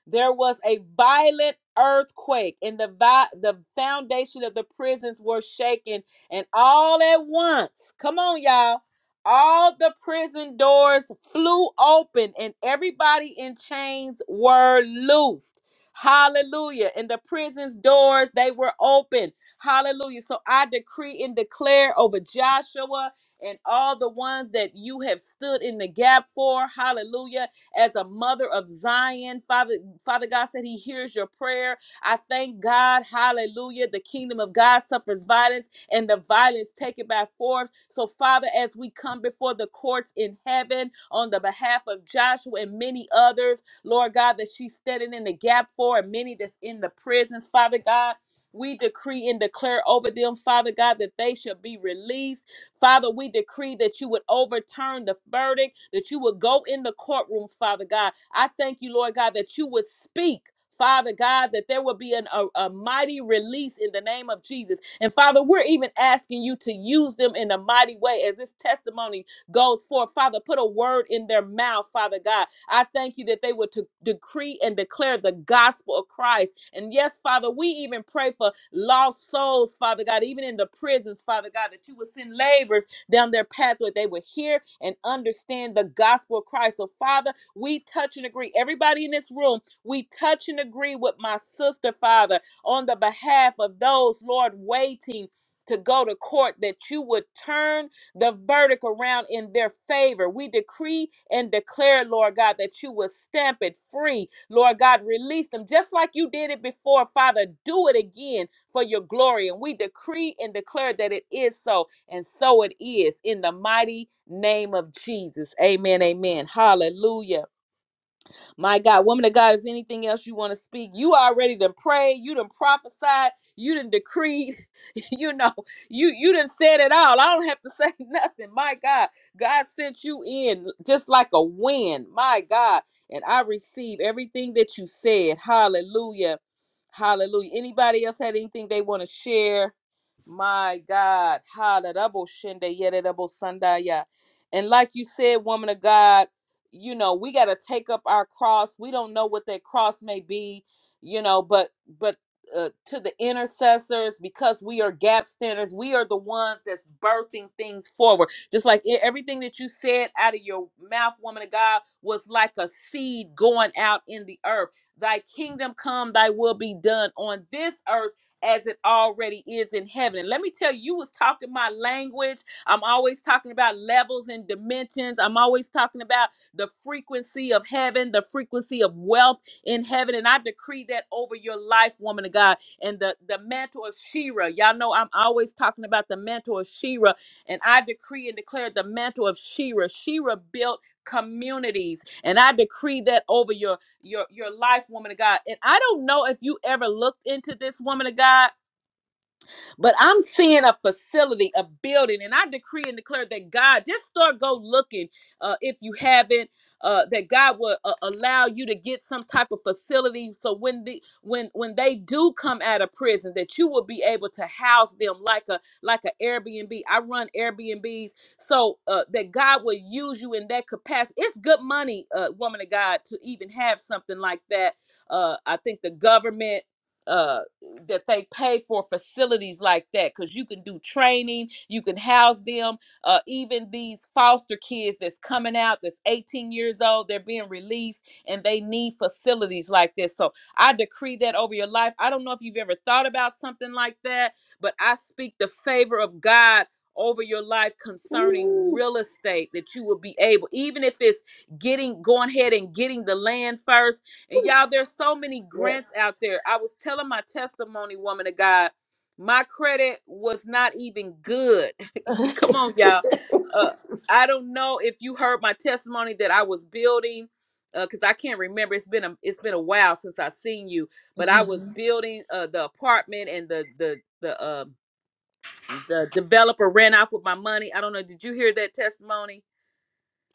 S1: there was a violent earthquake, and the vi- the foundation of the prisons were shaken, and all at once, come on, y'all, all the prison doors flew open, and everybody in chains were loosed. Hallelujah. And the prison's doors, they were open. Hallelujah. So I decree and declare over Joshua and all the ones that you have stood in the gap for. Hallelujah as a mother of Zion. Father, Father God said he hears your prayer. I thank God. Hallelujah. The kingdom of God suffers violence and the violence taken by force. So, Father, as we come before the courts in heaven on the behalf of Joshua and many others, Lord God, that she's standing in the gap for and many that's in the prisons, Father God. We decree and declare over them, Father God, that they shall be released Father, we decree that you would overturn the verdict, that you would go in the courtrooms, Father God. I thank you, Lord God, that you would speak. Father God, that there will be an, a, a mighty release in the name of Jesus. And Father, we're even asking you to use them in a mighty way as this testimony goes forth. Father, put a word in their mouth, Father God. I thank you that they would to decree and declare the gospel of Christ and yes, Father, we even pray for lost souls, Father God, even in the prisons, Father God, that you would send laborers down their pathway. They would hear and understand the gospel of Christ. So, Father, we touch and agree. Everybody in this room, we touch and agree with my sister, Father, on the behalf of those, Lord, waiting to go to court, that you would turn the verdict around in their favor. We decree and declare, Lord God, that you will stamp it free. Lord God, release them just like you did it before, Father. Do it again for your glory. And we decree and declare that it is so, and so it is in the mighty name of Jesus. Amen. Amen. Hallelujah. My God, woman of God, is anything else you want to speak? You already done prayed, you done prophesied, you done decreed, you know, you you done said it all. I don't have to say nothing. My God, God sent you in just like a wind. My God, and I receive everything that you said. Hallelujah. Hallelujah. Anybody else had anything they want to share? My God. Hallelujah. And like you said, woman of God you know we got to take up our cross we don't know what that cross may be you know but but uh, to the intercessors because we are gap standers we are the ones that's birthing things forward just like e- everything that you said out of your mouth woman of god was like a seed going out in the earth thy kingdom come thy will be done on this earth as it already is in heaven and let me tell you you was talking my language i'm always talking about levels and dimensions i'm always talking about the frequency of heaven, the frequency of wealth in heaven. And I decree that over your life, woman of God. And the, the mantle of Shira, y'all know I'm always talking about the mantle of Shira. And I decree and declare the mantle of Shira. Shira built communities. And I decree that over your your your life, woman of God. And I don't know if you ever looked into this woman of God but I'm seeing a facility, a building, and I decree and declare that God just start go looking uh, if you haven't. Uh, that God will uh, allow you to get some type of facility, so when the when when they do come out of prison, that you will be able to house them like a like an Airbnb. I run Airbnbs, so uh, that God will use you in that capacity. It's good money, uh, woman of God, to even have something like that. Uh, I think the government uh that they pay for facilities like that because you can do training you can house them uh even these foster kids that's coming out that's 18 years old they're being released and they need facilities like this so i decree that over your life i don't know if you've ever thought about something like that but i speak the favor of god over your life concerning
S2: Ooh,
S1: real estate that you will be able even if it's getting going ahead and getting the land first and y'all, there's so many grants
S2: yes.
S1: out there. I was telling my testimony, woman of God, my credit was not even good. Come on, y'all. Uh, I don't know if you heard my testimony that I was building, because I can't remember. It's been a it's been a while since I seen you, but I was
S2: hmm
S1: building uh, the apartment and the the the uh, the developer ran off with my money. I don't know. Did you hear that testimony?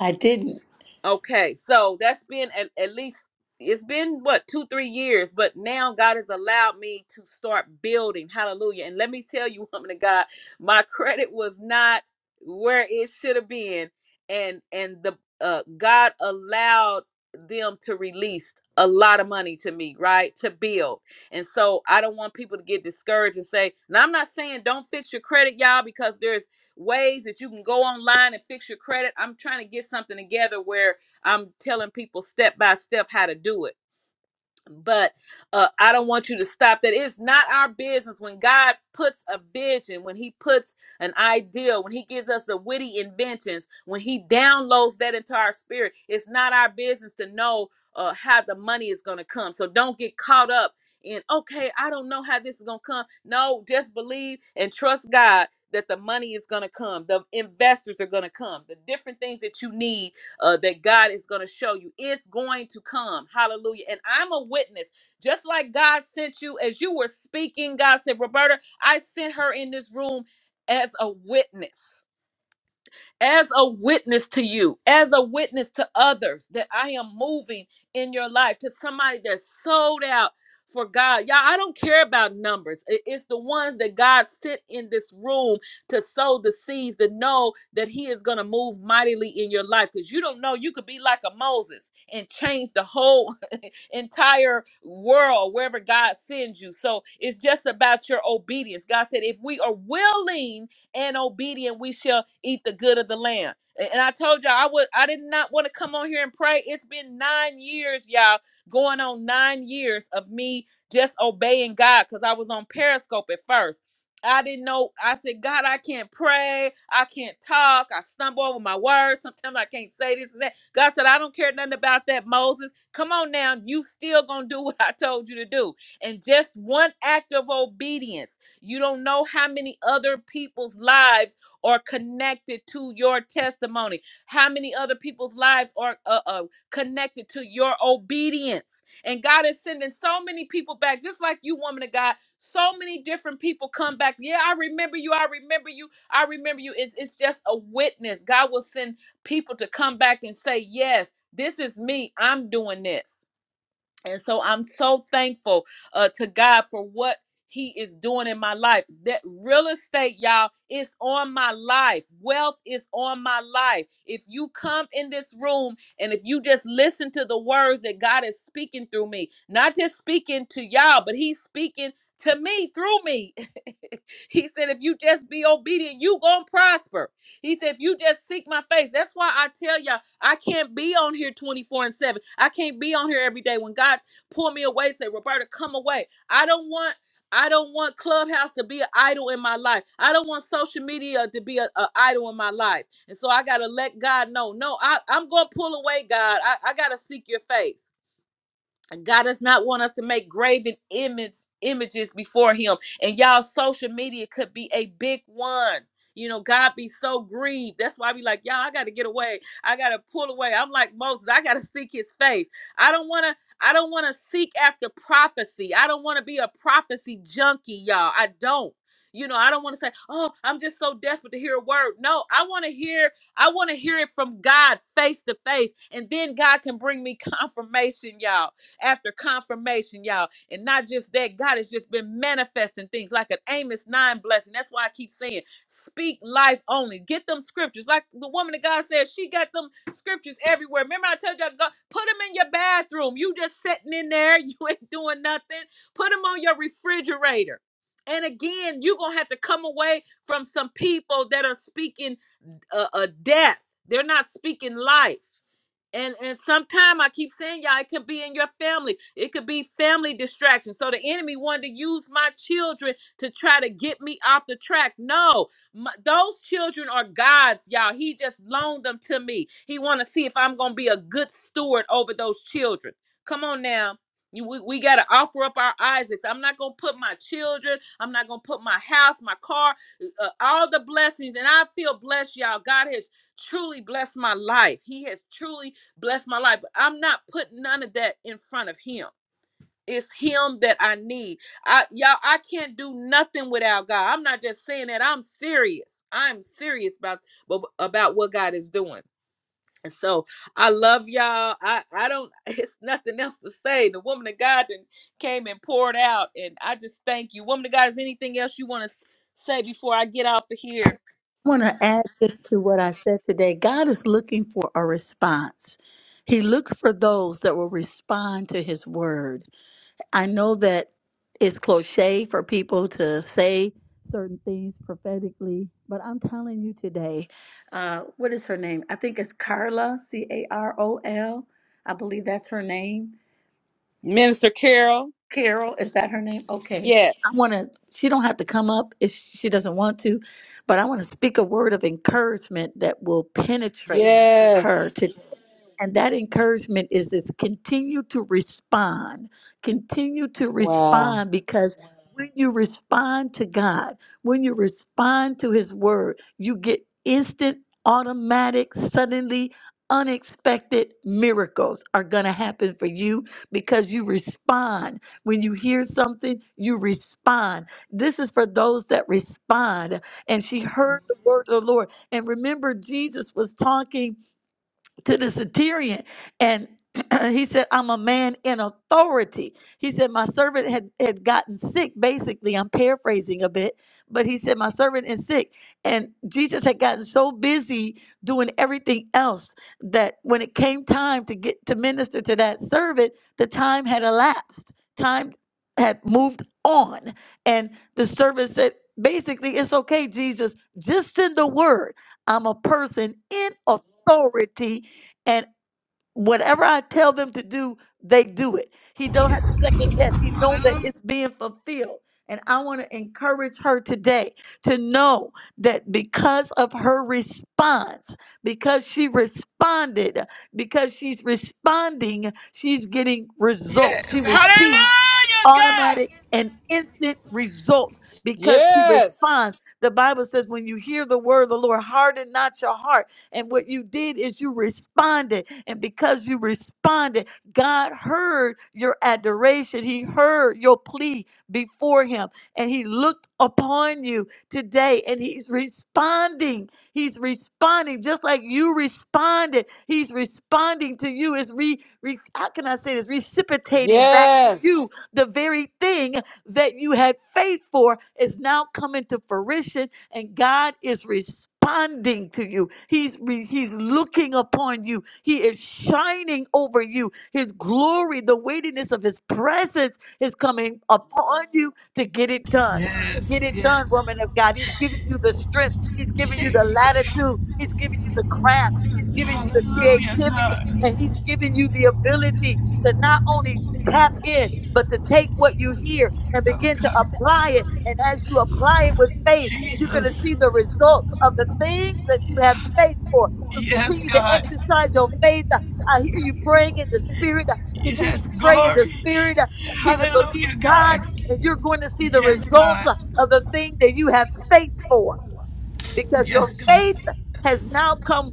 S2: I didn't.
S1: Okay, so that's been at, at least it's been what two, three years, but now God has allowed me to start building. Hallelujah. And let me tell you, woman of God, my credit was not where it should have been. And and the uh God allowed them to release a lot of money to me, right? To build. And so I don't want people to get discouraged and say, now I'm not saying don't fix your credit, y'all, because there's ways that you can go online and fix your credit. I'm trying to get something together where I'm telling people step by step how to do it. But uh, I don't want you to stop that. It's not our business. When God puts a vision, when He puts an idea, when He gives us the witty inventions, when He downloads that into our spirit, it's not our business to know uh, how the money is going to come. So don't get caught up in, okay, I don't know how this is going to come. No, just believe and trust God that the money is going to come, the investors are going to come, the different things that you need uh, that God is going to show you. It's going to come. Hallelujah. And I'm a witness. Just like God sent you as you were speaking, God said, Roberta, I sent her in this room as a witness as a witness to you, as a witness to others that I am moving in your life to somebody that's sold out for God. Y'all, I don't care about numbers. I- It's the ones that God sent in this room to sow the seeds to know that He is going to move mightily in your life because you don't know. You could be like a Moses and change the whole entire world, wherever God sends you. So it's just about your obedience. God said, if we are willing and obedient, we shall eat the good of the land. A- And I told y'all I would I did not want to come on here and pray. It's been nine years, y'all, going on nine years of me just obeying God because I was on Periscope at first. I didn't know. I said, God, I can't pray. I can't talk. I stumble over my words. Sometimes I can't say this and that. God said, I don't care nothing about that, Moses. Come on now. You still going to do what I told you to do. And just one act of obedience. You don't know how many other people's lives are connected to your testimony, how many other people's lives are uh, uh, connected to your obedience. And God is sending so many people back, just like you, woman of God. So many different people come back. Yeah, I remember you. I remember you. I remember you. It's, it's just a witness. God will send people to come back and say, Yes, this is me. I'm doing this and so I'm so thankful uh, to God for what He is doing in my life. That real estate, y'all, is on my life. Wealth is on my life. If you come in this room and if you just listen to the words that God is speaking through me, not just speaking to y'all, but He's speaking to me through me. he said, if you just be obedient, you gonna prosper. He said, if you just seek my face. That's why I tell y'all I can't be on here 24 and 7. I can't be on here every day. When God pull me away, say, Roberta, come away. I don't want I don't want Clubhouse to be an idol in my life. I don't want social media to be an idol in my life. And so I gotta let God know. No, I, I'm gonna pull away, God. I, I gotta seek your face. God does not want us to make graven image images before him. And y'all social media could be a big one. You know, God be so grieved. That's why I be like, y'all, I gotta get away. I gotta pull away. I'm like Moses, I gotta seek his face. I don't wanna, I don't wanna seek after prophecy. I don't wanna be a prophecy junkie, y'all. I don't. You know, I don't want to say, "Oh, I'm just so desperate to hear a word." No, I want to hear. I want to hear it from God, face to face, and then God can bring me confirmation, y'all after confirmation, y'all. And not just that, God has just been manifesting things like an Amos 9 blessing. That's why I keep saying, speak life only. Get them scriptures. Like the woman of God said, she got them scriptures everywhere. Remember, I told y'all, God, put them in your bathroom. You just sitting in there, you ain't doing nothing. Put them on your refrigerator. And again, you're going to have to come away from some people that are speaking a, a death. They're not speaking life and and sometimes I keep saying y'all, it could be in your family. It could be family distraction. So the enemy wanted to use my children to try to get me off the track. No, my, those children are God's, y'all. He just loaned them to me. He want to see if I'm gonna be a good steward over those children. Come on now. You, we, we got to offer up our Isaacs. I'm not going to put my children. I'm not going to put my house, my car uh, all the blessings, and I feel blessed, y'all. God has truly blessed my life. He has truly blessed my life. But I'm not putting none of that in front of Him. It's Him that I need. I y'all, I can't do nothing without God. I'm not just saying that. I'm serious. I'm serious about about what God is doing. And so I love y'all. I I don't. It's nothing else to say. The woman of God done came and poured out, and I just thank you, woman of God. Is anything else you want to say before I get off of here?
S2: I want to add this to what I said today. God is looking for a response. He looks for those that will respond to his word. I know that it's cliche for people to say certain things prophetically, but I'm telling you today, uh, what is her name? I think it's Carla, C A R O L. I believe that's her name
S1: Minister Carol,
S2: Carol, is that her name? Okay. I
S1: yes.
S2: want to, she don't have to come up if she doesn't want to, but I want to speak a word of encouragement that will penetrate her
S1: Yes.
S2: and that encouragement is this continue to respond. Continue to
S1: Wow.
S2: respond because when you respond to God, when you respond to His word, you get instant, automatic, suddenly unexpected miracles are going to happen for you because you respond. When you hear something, you respond. This is for those that respond. And she heard the word of the Lord. And remember, Jesus was talking to the centurion and he said i'm a man in authority he said my servant had, had gotten sick basically i'm paraphrasing a bit but he said my servant is sick and jesus had gotten so busy doing everything else that when it came time to get to minister to that servant the time had elapsed time had moved on and the servant said basically it's okay jesus just send the word i'm a person in authority and whatever I tell them to do, they do it. He don't have to second guess. He know that it's being fulfilled. And I want to encourage her today to know that because of her response, because she responded, because she's responding, she's getting results. She
S3: Yes.
S2: will see
S3: Hallelujah,
S2: automatic
S3: God.
S2: and instant results because she
S1: Yes.
S2: responds. The Bible says, when you hear the word of the Lord, harden not your heart and what you did is you responded. And because you responded, God heard your adoration. He heard your plea before him. And he looked upon you today and he's responding. He's responding just like you responded. He's responding to you. Is re, re how can I say this? Reciprocating back to you
S1: Yes.
S2: the very thing that you had faith for is now coming to fruition and God is responding to you. He's re- he's looking upon you. He is shining over you. His glory, the weightiness of his presence is coming upon you to get it done. To get
S3: Yes,
S2: it done,
S3: yes.
S2: woman of God. He's giving you the strength. He's giving you the
S3: Jesus.
S2: latitude. He's giving you the craft. He's giving you the
S3: Hallelujah,
S2: creativity
S3: God.
S2: and he's giving you the ability to not only tap in but to take what you hear and
S3: Oh,
S2: begin to
S3: God.
S2: apply it. And as you apply it with faith, you're going to
S3: Jesus.
S2: see the results of the things that you have faith for. So
S3: Yes,
S2: continue to
S3: God.
S2: exercise your faith. I hear you praying in the spirit. Continue
S3: Yes,
S2: to pray in the
S3: glory.
S2: spirit. Begin to believe
S3: Hallelujah,
S2: God,
S3: God.
S2: and you're going to see the
S3: Yes,
S2: results
S3: God.
S2: of the thing that you have faith for because your
S3: Yes, God.
S2: faith has now come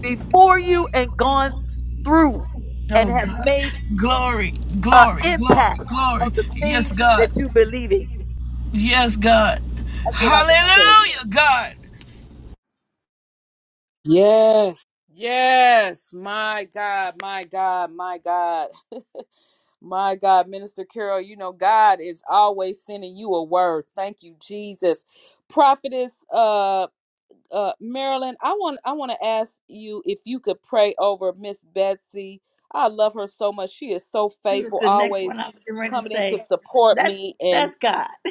S2: before you and gone through and
S3: Oh,
S2: have
S3: God.
S2: made
S3: Glory,
S2: an
S3: glory, glory,
S2: impact on
S3: glory.
S2: the thing
S3: Yes,
S2: that
S3: God.
S2: you believe in.
S3: Yes, God.
S2: That's what I want to tell you.
S3: Hallelujah, God.
S1: Yes. Yes. My God, my God, my God. My God, Minister Carol, you know, God is always sending you a word. Thank you, Jesus. Prophetess uh, uh Marilyn, I want I want to ask you if you could pray over Miss Betsy. I love her so much. She is so
S2: She was
S1: faithful,
S2: the next one
S1: always
S2: I was getting ready to
S1: coming in to
S2: say.
S1: support
S2: That's
S1: me. And
S2: that's God.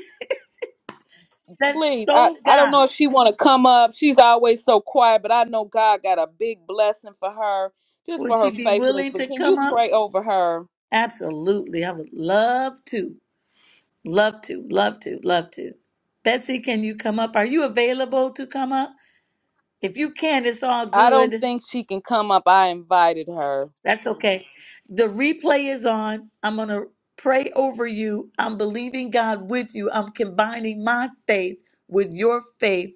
S2: That's
S1: please, I
S2: so
S1: I don't
S2: God.
S1: know if she want to come up. She's always so quiet, but I know God got a big blessing for her just
S2: Would
S1: for her
S2: she be
S1: faithfulness.
S2: willing
S1: But
S2: to
S1: can you
S2: come up?
S1: pray over her?
S2: Absolutely. I would love to. Love to. Love to. Love to. Betsy, can you come up? Are you available to come up? If you can, it's all
S1: I don't
S2: good.
S1: think she can come up. I invited her.
S2: That's okay. The replay is on. I'm going to pray over you. I'm believing God with you. I'm combining my faith with your faith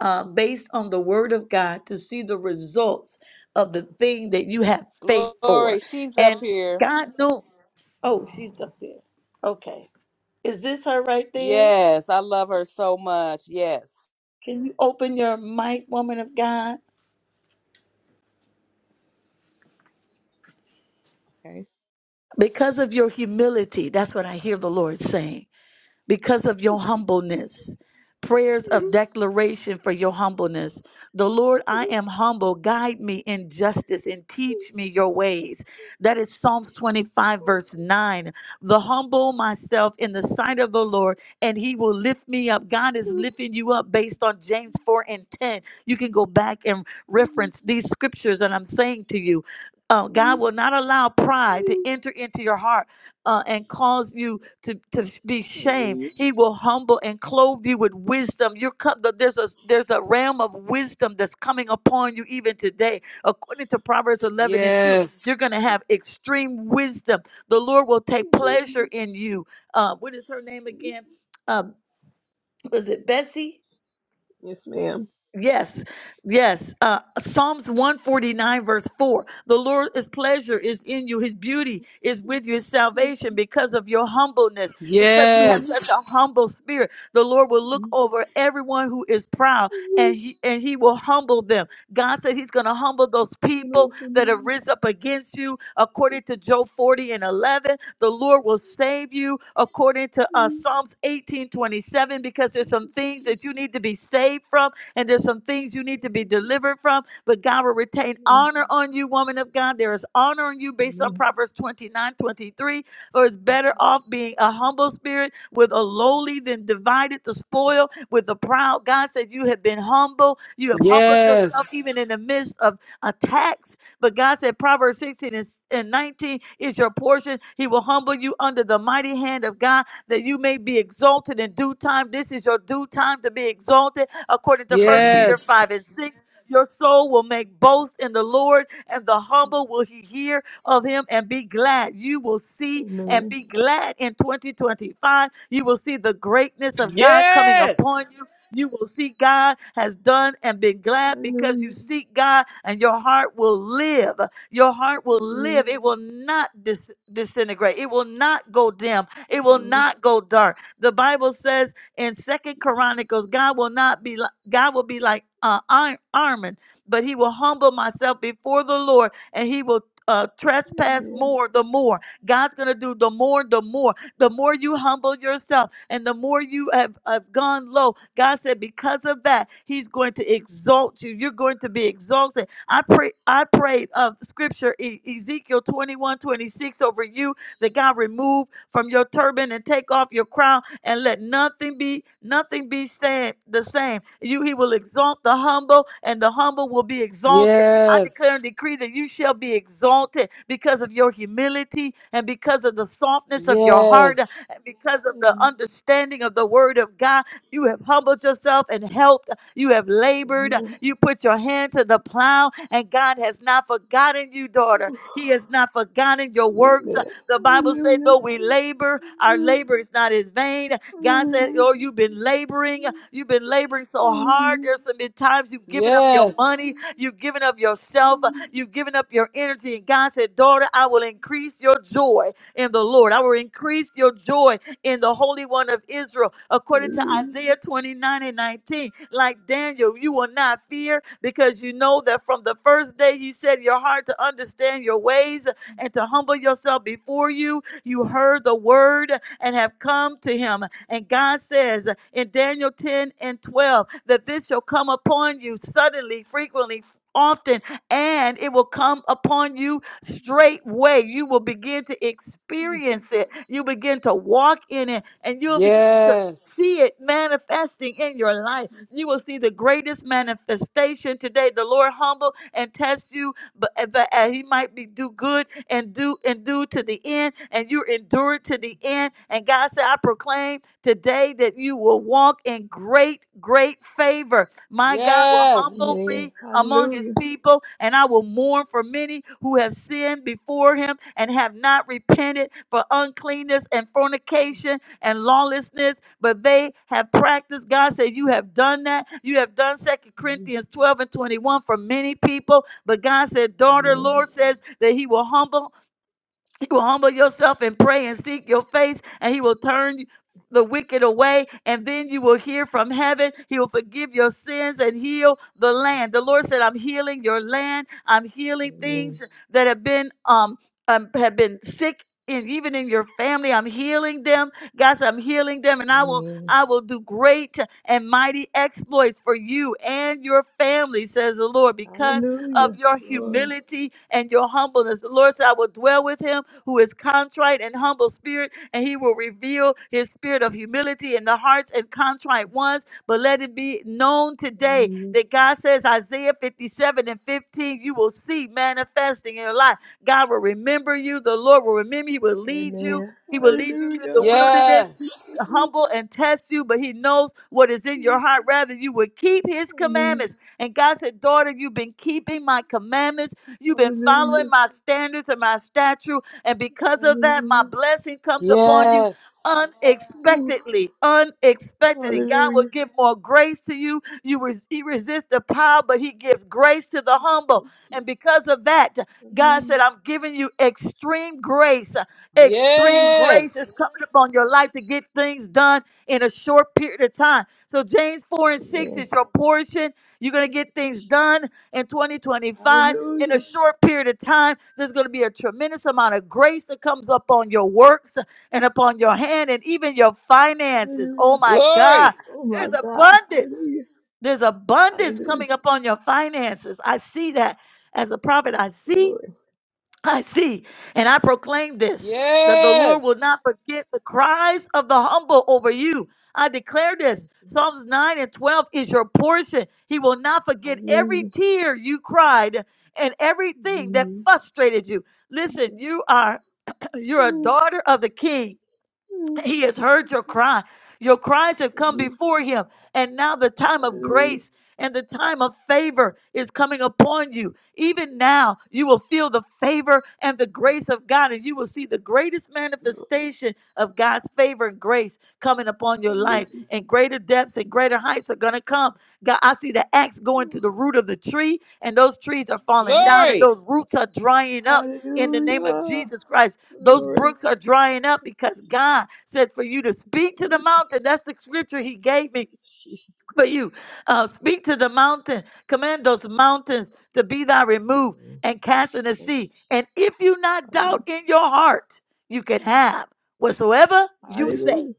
S2: uh, based on the word of God to see the results of the thing that you have faith
S1: Glory,
S2: for.
S1: she's up
S2: And
S1: here.
S2: God knows. Oh, she's up there. Okay. Is this her right there?
S1: Yes, I love her so much. Yes.
S2: Can you open your mic, woman of God?
S4: Okay.
S2: Because of your humility, that's what I hear the Lord saying because of your humbleness. Prayers of declaration for your humbleness. The Lord, I am humble. Guide me in justice and teach me your ways. That is Psalms 25, verse 9. The humble myself in the sight of the Lord, and he will lift me up. God is lifting you up based on James 4 and 10. You can go back and reference these scriptures that I'm saying to you. Uh, God will not allow pride to enter into your heart uh, and cause you to, to be shamed. He will humble and clothe you with wisdom. You're come, there's a there's a realm of wisdom that's coming upon you even today. According to Proverbs 11 and 2,
S1: Yes.
S2: you're going to have extreme wisdom. The Lord will take pleasure in you. Uh, what is her name again? Um, was it Bessie?
S4: Yes, ma'am.
S2: Yes, yes. Uh, Psalms 149, verse 4. The Lord Lord's pleasure is in you. His beauty is with you. His salvation because of your humbleness, because you have such
S1: Yes.
S2: a humble spirit. The Lord will look over everyone who is proud and he, and he will humble them. God said he's going to humble those
S4: You know
S2: people
S4: what I
S2: that have
S4: mean?
S2: risen up against you. According to Job 40 and 11, the Lord will save you. According to uh, Psalms 18 27, because there's some things that you need to be saved from and there's some things you need to be delivered from, but God will retain honor on you, woman of God. There is honor on you based on
S4: Amen.
S2: Proverbs 29 23. Or it's better off being a humble spirit with a lowly than divided the spoil with the proud. God said, You have been humble. You have humbled yourself
S1: Yes.
S2: even in the midst of attacks. But God said, Proverbs 16 and and 19 is your portion. He will humble you under the mighty hand of God that you may be exalted in due time. This is your due time to be exalted according to First Peter
S4: Amen.
S1: Yes.
S2: 5 and 6. Your soul will make boast in the Lord, and the humble will he hear of him and be glad. You will see and be
S4: Amen.
S2: glad in 2025. You will see the greatness of God coming upon
S1: Yes.
S2: you. You will see God has done and been glad because you
S4: Hallelujah.
S2: seek God and your heart will live. Your heart will
S4: Amen.
S2: live. It will not dis- disintegrate. It will not go dim. It will
S4: Amen.
S2: not go dark. The Bible says in Second Chronicles, God will not be like, God will be like uh, Ar- Armin, but he will humble myself before the Lord, and he will uh, trespass more. The more God's going to do, the more, the more, the more you humble yourself, and the more you have, have gone low. God said, because of that, He's going to exalt you. You're going to be exalted. I pray. I prayed of Scripture E- Ezekiel 21 26 over you that God remove from your turban and take off your crown and let nothing be nothing be said the same. You he will exalt the humble and the humble will be exalted. I
S1: Yes.
S2: declare and decree that you shall be exalted because of your humility and because of the softness of your heart and because of the
S4: Amen.
S2: understanding of the word of God. You have humbled yourself and helped. You have
S4: Amen.
S2: labored.
S4: Amen.
S2: You put your hand to the plow, and God has not forgotten you, daughter.
S4: Oh,
S2: He has not forgotten your works.
S4: Amen.
S2: The Bible said, though we labor, our labor is not in vain.
S4: Hallelujah.
S2: God said,
S4: Hallelujah.
S2: oh, you've been laboring. You've been laboring so hard.
S4: Hallelujah.
S2: There's some been times you've given up your
S1: Yes.
S2: money. You've given up yourself. You've given up your energy. And God said, daughter, I will increase your joy in the Lord. I will increase your joy in the Holy One of Israel, according to
S4: Hallelujah.
S2: Isaiah 29 and 19. Like Daniel, you will not fear because you know that from the first day you set your heart to understand your ways, and to humble yourself before you. You heard the word and have come to him. And God says in Daniel 10 and 12 that this shall come upon you suddenly, frequently, often, and it will come upon you straightway. You will begin to experience it. You begin to walk in it, and
S1: Yes.
S2: you'll begin to
S1: Yes.
S2: see it manifesting in your life. You will see the greatest manifestation today. The Lord humble and test you, but uh, that uh, He might be do good and do and do to the end, and you're endured to the end. And God said, I proclaim today that you will walk in great, great favor. My God will humble
S1: Yes.
S2: me
S4: Amen.
S2: among his
S4: Hallelujah.
S2: people, and I will mourn for many who have sinned before him and have not repented for uncleanness and fornication and lawlessness, but they have practiced. God said, You have done that. You have done Second
S4: Mm.
S2: Corinthians 12 and 21 for many people. But God said, Daughter,
S4: Amen.
S2: Lord says that He will humble you will humble yourself and pray and seek your face, and he will turn the wicked away, and then you will hear from heaven. He will forgive your sins and heal the land. The Lord said, I'm healing your land. I'm healing
S4: Amen.
S2: things that have been um, um have been sick. And even in your family, I'm healing them. God said, I'm healing them, and I will
S4: Amen.
S2: I will do great and mighty exploits for you and your family, says the Lord, because of
S4: Hallelujah.
S2: your
S4: Glory.
S2: humility and your humbleness. The Lord said, I will dwell with him who is contrite and humble spirit, and he will reveal his spirit of humility in the hearts and contrite ones. But let it be known today
S4: Hallelujah.
S2: that God says, Isaiah 57 and 15, you will see manifesting in your life. God will remember you. The Lord will remember you. He will lead you.
S4: Amen.
S2: He will lead you through the
S4: Hallelujah.
S2: wilderness
S1: Yes.
S4: Glory.
S2: humble and test you, but he knows what is in your
S4: Mm.
S2: heart. Rather, you would keep his
S4: Hallelujah.
S2: commandments and God said, Daughter, you've been keeping my commandments. You've been
S4: Hallelujah.
S2: following my standards and my statute. And because of that, my
S4: Hallelujah.
S2: blessing comes upon you
S1: Yes.
S4: Ooh.
S2: unexpectedly. Unexpectedly. God will
S4: Hallelujah.
S2: give more grace to you. You res- he resists the proud, but he gives grace to the humble.
S4: Oh, Jesus.
S2: And because of that, God
S4: Hallelujah.
S2: said, I'm giving you extreme grace.
S4: Ooh.
S2: Extreme grace
S1: Yes.
S2: is coming upon your life to get things done in a short period of time. So James 4 and 6
S4: Amen.
S2: is your portion you're going to get
S4: Thank you,
S2: things
S4: Jesus.
S2: done in 2025 in a
S4: Hallelujah.
S2: short period of time. There's going to be a tremendous amount of grace that comes upon your works and upon your hand and even your finances. Oh
S4: Hallelujah.
S2: my God,
S1: Glory.
S4: Oh my
S2: there's
S4: God.
S2: abundance.
S4: Hallelujah.
S2: There's abundance
S4: Hallelujah.
S2: coming upon your finances. I see that as a prophet. I see
S4: Glory.
S2: I see, and I proclaim this that the Lord will
S1: Yes.
S2: not forget the cries of the humble over you. I declare this. Psalms 9 and 12 is your portion. He will not forget every
S4: Hallelujah.
S2: tear you cried and everything that frustrated you. Listen, you are you're a daughter of the king. He has heard your cry. Your cries have come
S4: Hallelujah.
S2: before him. And now the time of
S4: Hallelujah.
S2: grace and the time of favor is coming upon you. Even now, you will feel the favor and the grace of God, and you will see the greatest manifestation of God's favor and grace coming upon your
S4: Hallelujah.
S2: life. And greater depths and greater heights are going to come. God, I see the axe going to the root of the tree, and those trees are falling down,
S4: Hallelujah.
S2: and
S1: Glory.
S2: those roots are drying up in the name of
S4: Hallelujah.
S2: Jesus Christ. Those
S4: Glory.
S2: brooks are drying up
S4: Thank you,
S2: because
S4: Jesus.
S2: God said for you to speak to
S4: Hallelujah.
S2: the mountain. That's the scripture He gave
S4: Thank
S2: me
S4: you, Jesus.
S2: for you. Uh, speak to the mountain, command those mountains to be thy removed
S4: Mm.
S2: and cast in the
S4: Thank you,
S2: sea.
S4: Jesus.
S2: And if you not
S4: Hallelujah.
S2: doubt in your heart, you can have whatsoever you say.
S4: Hallelujah.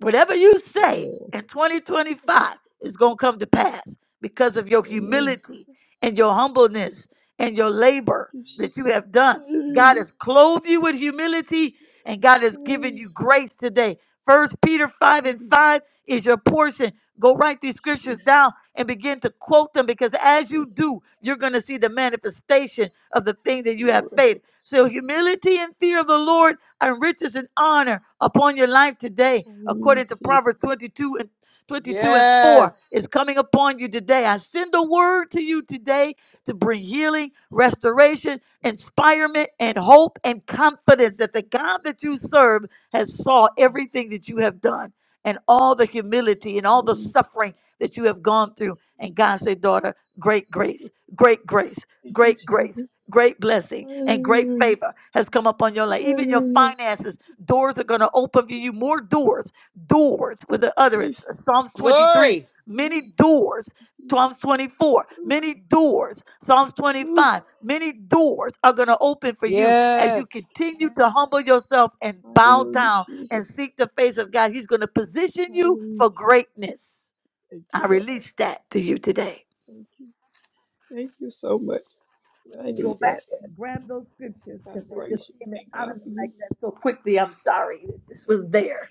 S2: Whatever you say
S4: Amen.
S2: in 2025 is going to come to pass because of your
S4: Amen.
S2: humility and your humbleness and your
S4: Thank
S2: labor
S4: you,
S2: that
S4: Jesus.
S2: you have done. God
S4: Hallelujah.
S2: has clothed you with humility and God has given
S4: Mm.
S2: you
S4: Thank
S2: grace today. First Peter 5
S4: you,
S2: and
S4: Jesus.
S2: 5 is your portion. Go write these scriptures
S4: Jesus.
S2: down and begin to quote them because as you
S4: Jesus.
S2: do, you're going to see the manifestation of the thing that you have
S4: Glory. Thank
S2: faith.
S4: you,
S2: So
S4: Jesus.
S2: humility and fear of the Lord and riches and honor upon your life today,
S4: Hallelujah.
S2: according to
S4: Jesus.
S2: Proverbs 22 and 22 and 4
S1: Yes.
S2: is coming upon you today. I send a word to you today to bring healing, restoration, inspirement, and hope and confidence that the God that you serve has saw everything that you have done and all the humility and all the
S4: Hallelujah.
S2: suffering that you have gone through. And God said, daughter, great grace, great grace,
S4: Thank you,
S2: great grace
S4: Jesus.
S2: great blessing and great
S4: Hallelujah.
S2: favor has come upon your life. Even your
S4: Hallelujah.
S2: finances, doors are going to open for you. More doors, doors with
S4: Oh,
S2: the utterance.
S4: Jesus.
S2: Psalms 23,
S1: Glory.
S2: many
S4: Jesus.
S2: doors. Psalms 24,
S4: Ooh,
S2: many doors. Psalms
S4: ooh.
S2: 25, many doors are going to open for you as you
S1: Yes.
S2: continue to humble yourself and bow
S4: Hallelujah,
S2: down
S4: Jesus.
S2: and seek the face of God. He's going to position you
S4: Hallelujah.
S2: for greatness.
S4: Thank
S2: I
S4: you, Lord.
S2: release that to you today.
S4: Thank you. Thank you so much. I need
S2: Go
S4: that.
S2: back and grab those scriptures
S4: I
S2: because they
S4: praise
S2: just
S4: you.
S2: came
S4: Thank
S2: out
S4: God
S2: of me
S4: for
S2: like
S4: you.
S2: that so quickly. I'm sorry. This was there.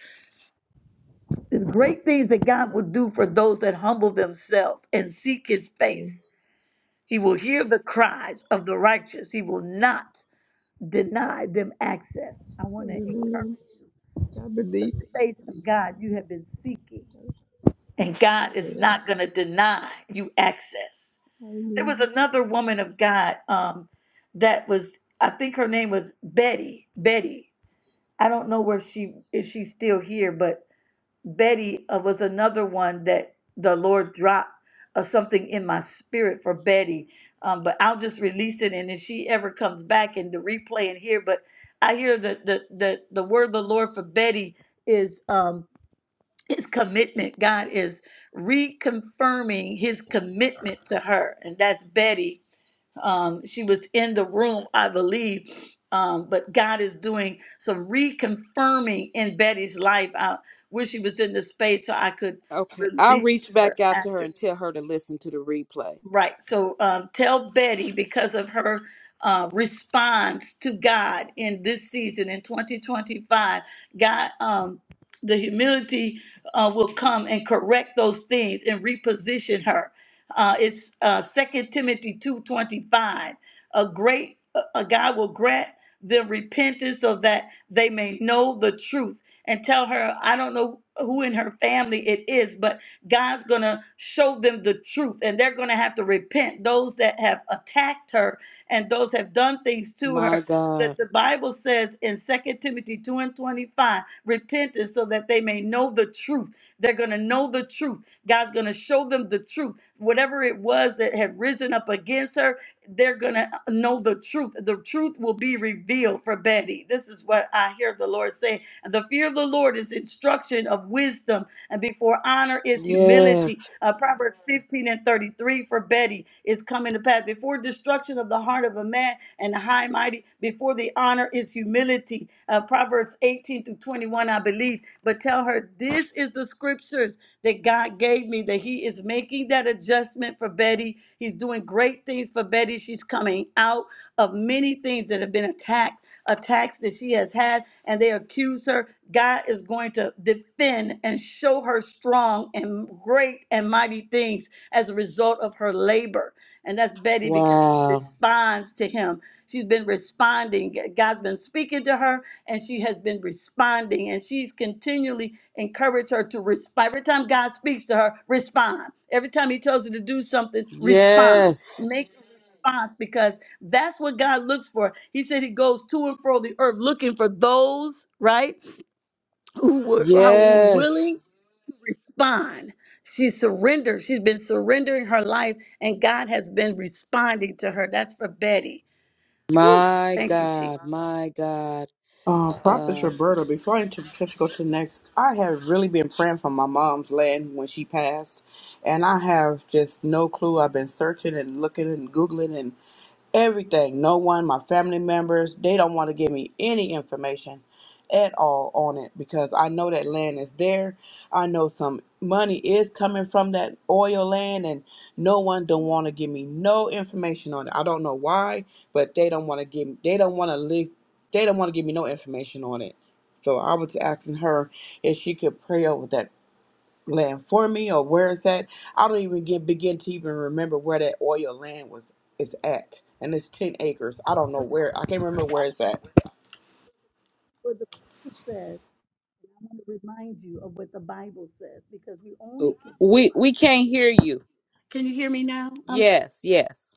S2: There's great things that God will do for those that humble themselves and seek his
S4: Amen.
S2: face. He will hear the cries of the righteous. He will not deny them access. I want to encourage
S4: Amen. I
S2: the
S4: believe it. I
S2: face of
S4: believe it.
S2: God you have been seeking. And God is
S4: Amen.
S2: not going to deny you access. There was
S4: Hallelujah.
S2: another woman of God um, that was, I think her name was Betty. Betty. I don't know where she if she's still here, but Betty uh, was another one that the Lord dropped uh, something in my spirit for Betty. Um, but I'll just release it, and if she ever comes back and the replay in here, but I hear that the the the word of the Lord for Betty is um his commitment. God is reconfirming his commitment to her, and that's Betty um, she was in the room, I believe. Um, but God is doing some reconfirming in Betty's life. I wish she was in the space so I could
S1: Okay.
S2: release
S1: I'll
S2: it to
S1: reach
S2: her
S1: back out to her
S2: after.
S1: and tell her to listen to the replay.
S2: Right. So um, tell Betty because of her uh, response to God in this season in 2025, God, um, the humility uh, will come and correct those things and reposition her. Uh, it's uh, 2 Timothy 2:25. A great uh, a God will grant them repentance so that they may know the truth and tell her. I don't know who in her family it is, but God's going to show them the truth and they're going to have to repent. Those that have attacked her and those have done things to her
S1: My
S2: that
S1: God.
S2: the Bible says in Second Timothy 2 and 25, repentance so that they may know the truth. They're going to know the truth. God's going to show them the truth. Whatever it was that had risen up against her, they're going to know the truth. The truth will be revealed for Betty. This is what I hear the Lord saying. The fear of the Lord is instruction of wisdom and before honor is
S1: Yes.
S2: humility. Uh, Proverbs 15 and 33 for Betty is coming to pass. Before destruction of the heart of a man and the high and mighty, before the honor is humility. Uh, Proverbs 18 to 21, I believe. But tell her, this is the scriptures that God gave me, that He is making that adjustment for Betty. He's doing great things for Betty. She's coming out of many things that have been attacked attacks that she has had, and they accuse her. God is going to defend and show her strong and great and mighty things as a result of her labor. And that's Betty because she
S1: Wow.
S2: responds to him. She's been responding. God's been speaking to her and she has been responding. And she's continually encouraged her to respond. Every time God speaks to her, respond. Every time he tells her to do something, respond.
S1: Yes.
S2: Make response because that's what God looks for. He said he goes to and fro the earth looking for those, right? who were, who were
S1: Yes.
S2: willing to respond. She surrendered. She's been surrendering her life, and God has been responding to her. That's for Betty. Whew,
S1: My
S2: thank you, Jesus.
S1: God. My God.
S3: Uh, Prophet
S1: Uh,
S3: Roberta, before I inter- before you go to the next, I have really been praying for my mom's land when she passed, and I have just no clue. I've been searching and looking and googling and everything. No one, my family members, they don't want to give me any information at all on it because I know that land is there. I know some money is coming from that oil land, and no one don't want to give me no information on it. I don't know why, but they don't want to give. They don't want to they don't want to give me no information on it. So I was asking her if she could pray over that land for me or where it's at. I don't even get, begin to even remember where that oil land was is at. And it's 10 acres. I don't know where. I can't remember where it's at.
S2: What the Bible says, I want to remind you of what the Bible says because we only can go.
S1: we
S2: by.
S1: we can't hear you.
S2: Can you hear me now?
S1: Yes. Yes.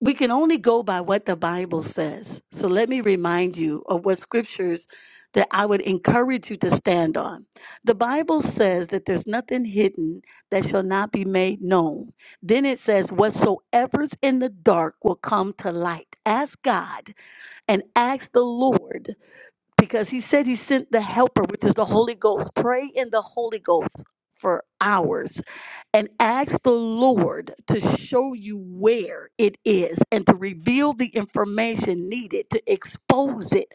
S2: we can only go by what the Bible says. So let me remind you of what scriptures that I would encourage you to stand on. The Bible says that there's nothing hidden that shall not be made known. Then it says, Whatsoever's in the dark will come to light. Ask God and ask the Lord because He said He sent the Helper, which is the Holy Ghost. Pray in the Holy Ghost for hours and ask the Lord to show you where it is and to reveal the information needed to expose it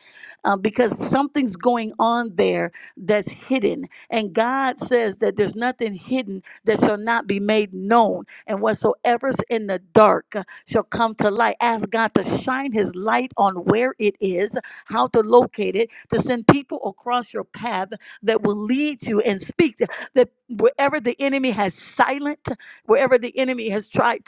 S2: uh, because something's going on there that's hidden. And God says that there's nothing hidden that shall not be made known, and whatsoever's in the dark uh, shall come to light. Ask God to shine His light on where it is, how to locate it, to send people across your path that will lead you and speak wherever the enemy has silent, wherever the enemy has tried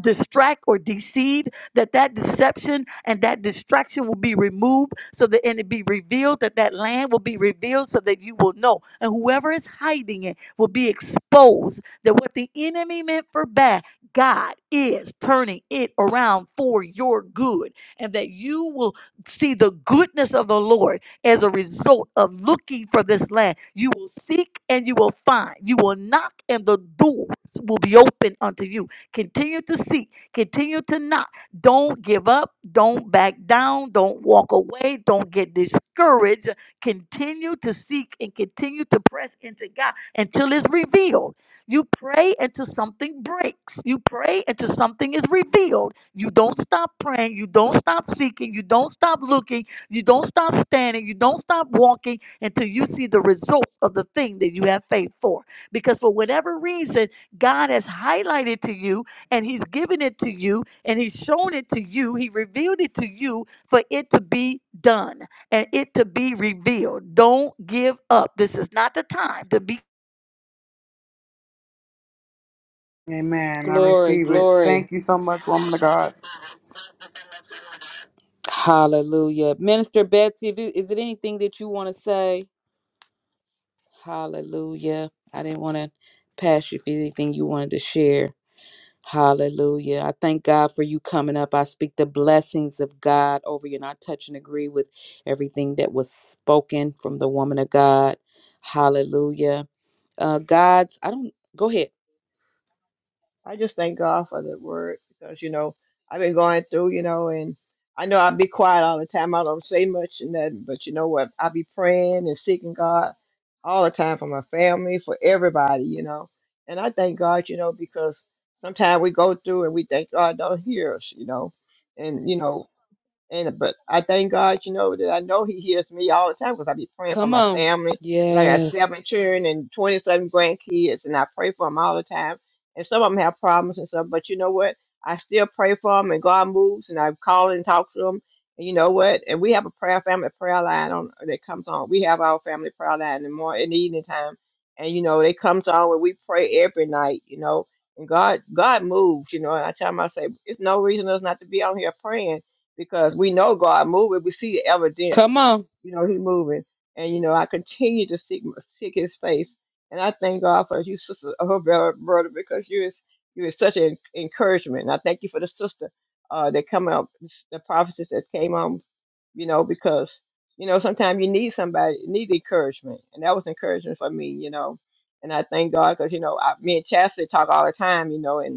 S2: distract or deceive that that deception and that distraction will be removed so that and it be revealed that that land will be revealed so that you will know and whoever is hiding it will be exposed that what the enemy meant for bad god is turning it around for your good and that you will see the goodness of the lord as a result of looking for this land you will seek and you will find you will knock and the doors will be open unto you Continue to seek. Continue to knock. Don't give up. Don't back down. Don't walk away. Don't get discouraged. Continue to seek and continue to press into God until it's revealed. You pray until something breaks. You pray until something is revealed. You don't stop praying. You don't stop seeking. You don't stop looking. You don't stop standing. You don't stop walking until you see the results of the thing that you have faith for. Because for whatever reason, God has highlighted to you and he's given it to you and he's shown it to you. He revealed it to you for it to be done and it to be revealed. Don't give up. This is not the time to be
S1: Glory. Glory. Hallelujah. Minister Betsy, if you- is it anything that you want to say? Hallelujah. I didn't want to pass you if anything you wanted to share. Hallelujah. I thank God for you coming up. I speak the blessings of God over you, and I touch and agree with everything that was spoken from the woman of God. Hallelujah. Uh, God's, I don't, go ahead.
S4: I just thank God for the word because, you know, I've been going through, you know, and I know I be quiet all the time. I don't say much and that, but you know what? I be praying and seeking God all the time for my family, for everybody, you know. And I thank God, you know, because sometimes we go through and we think God don't hear us, you know. And, you know, and but I thank God, you know, that I know He hears me all the time because I be praying for
S1: Come
S4: my
S1: on.
S4: family. 'Cause I got
S1: Yes.
S4: seven children and twenty seven grandkids, and I pray for them all the time. And some of them have problems and stuff, but you know what? I still pray for them, and God moves, and I call and talk to them. And you know what? And we have a prayer family prayer line on that comes on. We have our family prayer line in the morning, in the evening time, and you know it comes on where we pray every night. You know, and God, God moves. You know, and I tell myself, it's no reason us not to be on here praying because we know God moving. We see the
S1: Come
S4: evidence,
S1: on.
S4: you know, He moving. And you know, I continue to seek seek His face, and I thank God for you, sister, her brother, brother, because you is you is such an encouragement. And I thank you for the sister uh, that come up, the prophecies that came on, you know, because you know sometimes you need somebody, you need encouragement, and that was encouragement for me, you know. And I thank God because you know, I, me and Chastity talk all the time, you know, and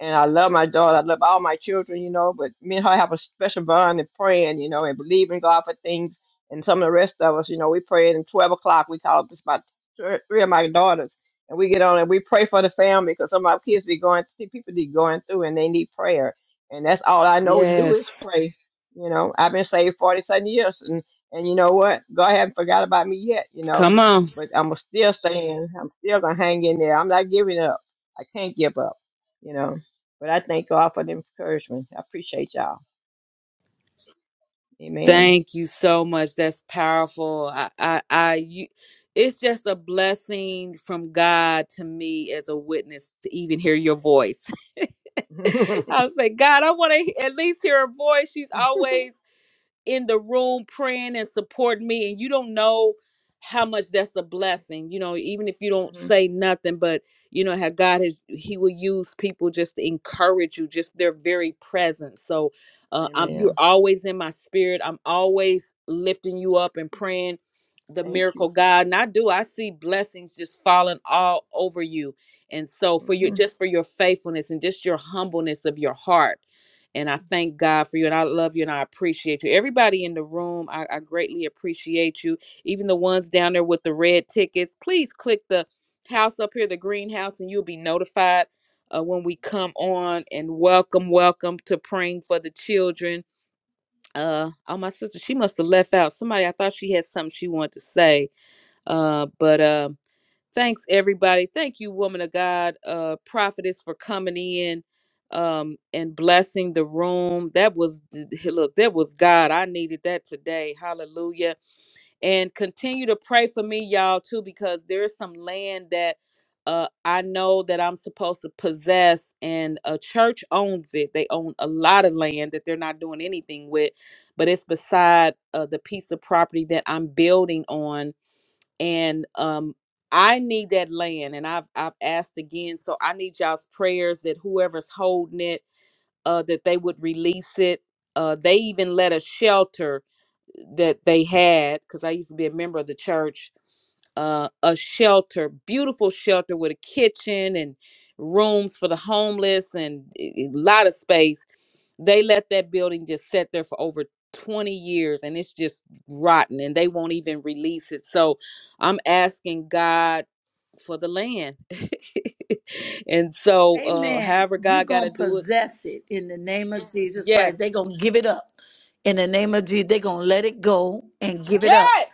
S4: and I love my daughter. I love all my children, you know, but me and her have a special bond and praying, you know, and believing God for things. And some of the rest of us, you know, we pray at 12 o'clock. We call up just about thir- three of my daughters and we get on and we pray for the family because some of our kids be going, see, people be going through and they need prayer. And that's all I know to do
S1: Yes.
S4: is pray. You know, I've been saved 47 years and, and you know what? God hasn't forgot about me yet, you know,
S1: Come on.
S4: but I'm still saying, I'm still going to hang in there. I'm not giving up. I can't give up, you know. But I thank God for the encouragement. I appreciate y'all. Amen.
S1: Thank you so much. That's powerful. I, I, I, you, it's just a blessing from God to me as a witness to even hear your voice. I was like, God, I want to at least hear her voice. She's always in the room praying and supporting me and you don't know how much that's a blessing you know even if you don't
S4: Mhm.
S1: say nothing but you know how god has he will use people just to encourage you just their very presence so uh, I'm, you're
S4: Amen.
S1: always in my spirit i'm always lifting you up and praying the
S4: Thank you.
S1: miracle god and i do i see blessings just falling all over you and so for
S4: Mhm.
S1: your just for your faithfulness and just your humbleness of your heart and I thank God for you and I love you and I appreciate you. Everybody in the room, I, I greatly appreciate you. Even the ones down there with the red tickets, please click the house up here, the green house, and you'll be notified uh, when we come on. And welcome, welcome to praying for the children. Uh, oh, my sister, she must have left out somebody. I thought she had something she wanted to say, uh, but um Thanks, everybody. Thank you, woman of God, uh, prophetess, for coming in um, and blessing the room. That was, look, that was God. I needed that today. Hallelujah. And continue to pray for me, y'all, too, because there is some land that uh, I know that I'm supposed to possess, and a church owns it. They own a lot of land that they're not doing anything with, but it's beside uh, the piece of property that I'm building on and um I need that land and I've I've asked again so I need y'all's prayers that whoever's holding it uh that they would release it uh they even let a shelter that they had cuz I used to be a member of the church uh a shelter beautiful shelter with a kitchen and rooms for the homeless and a lot of space they let that building just sit there for over 20 years and it's just rotten and they won't even release it. So I'm asking God for the land. and so uh
S2: Amen.
S1: however
S2: You're
S1: God got to
S2: going to
S1: do it.
S2: possess it in the name of Jesus Christ. They're
S1: Yes.
S2: going to give it up in the name of Jesus. They're going to let it go and give it up
S1: Yes.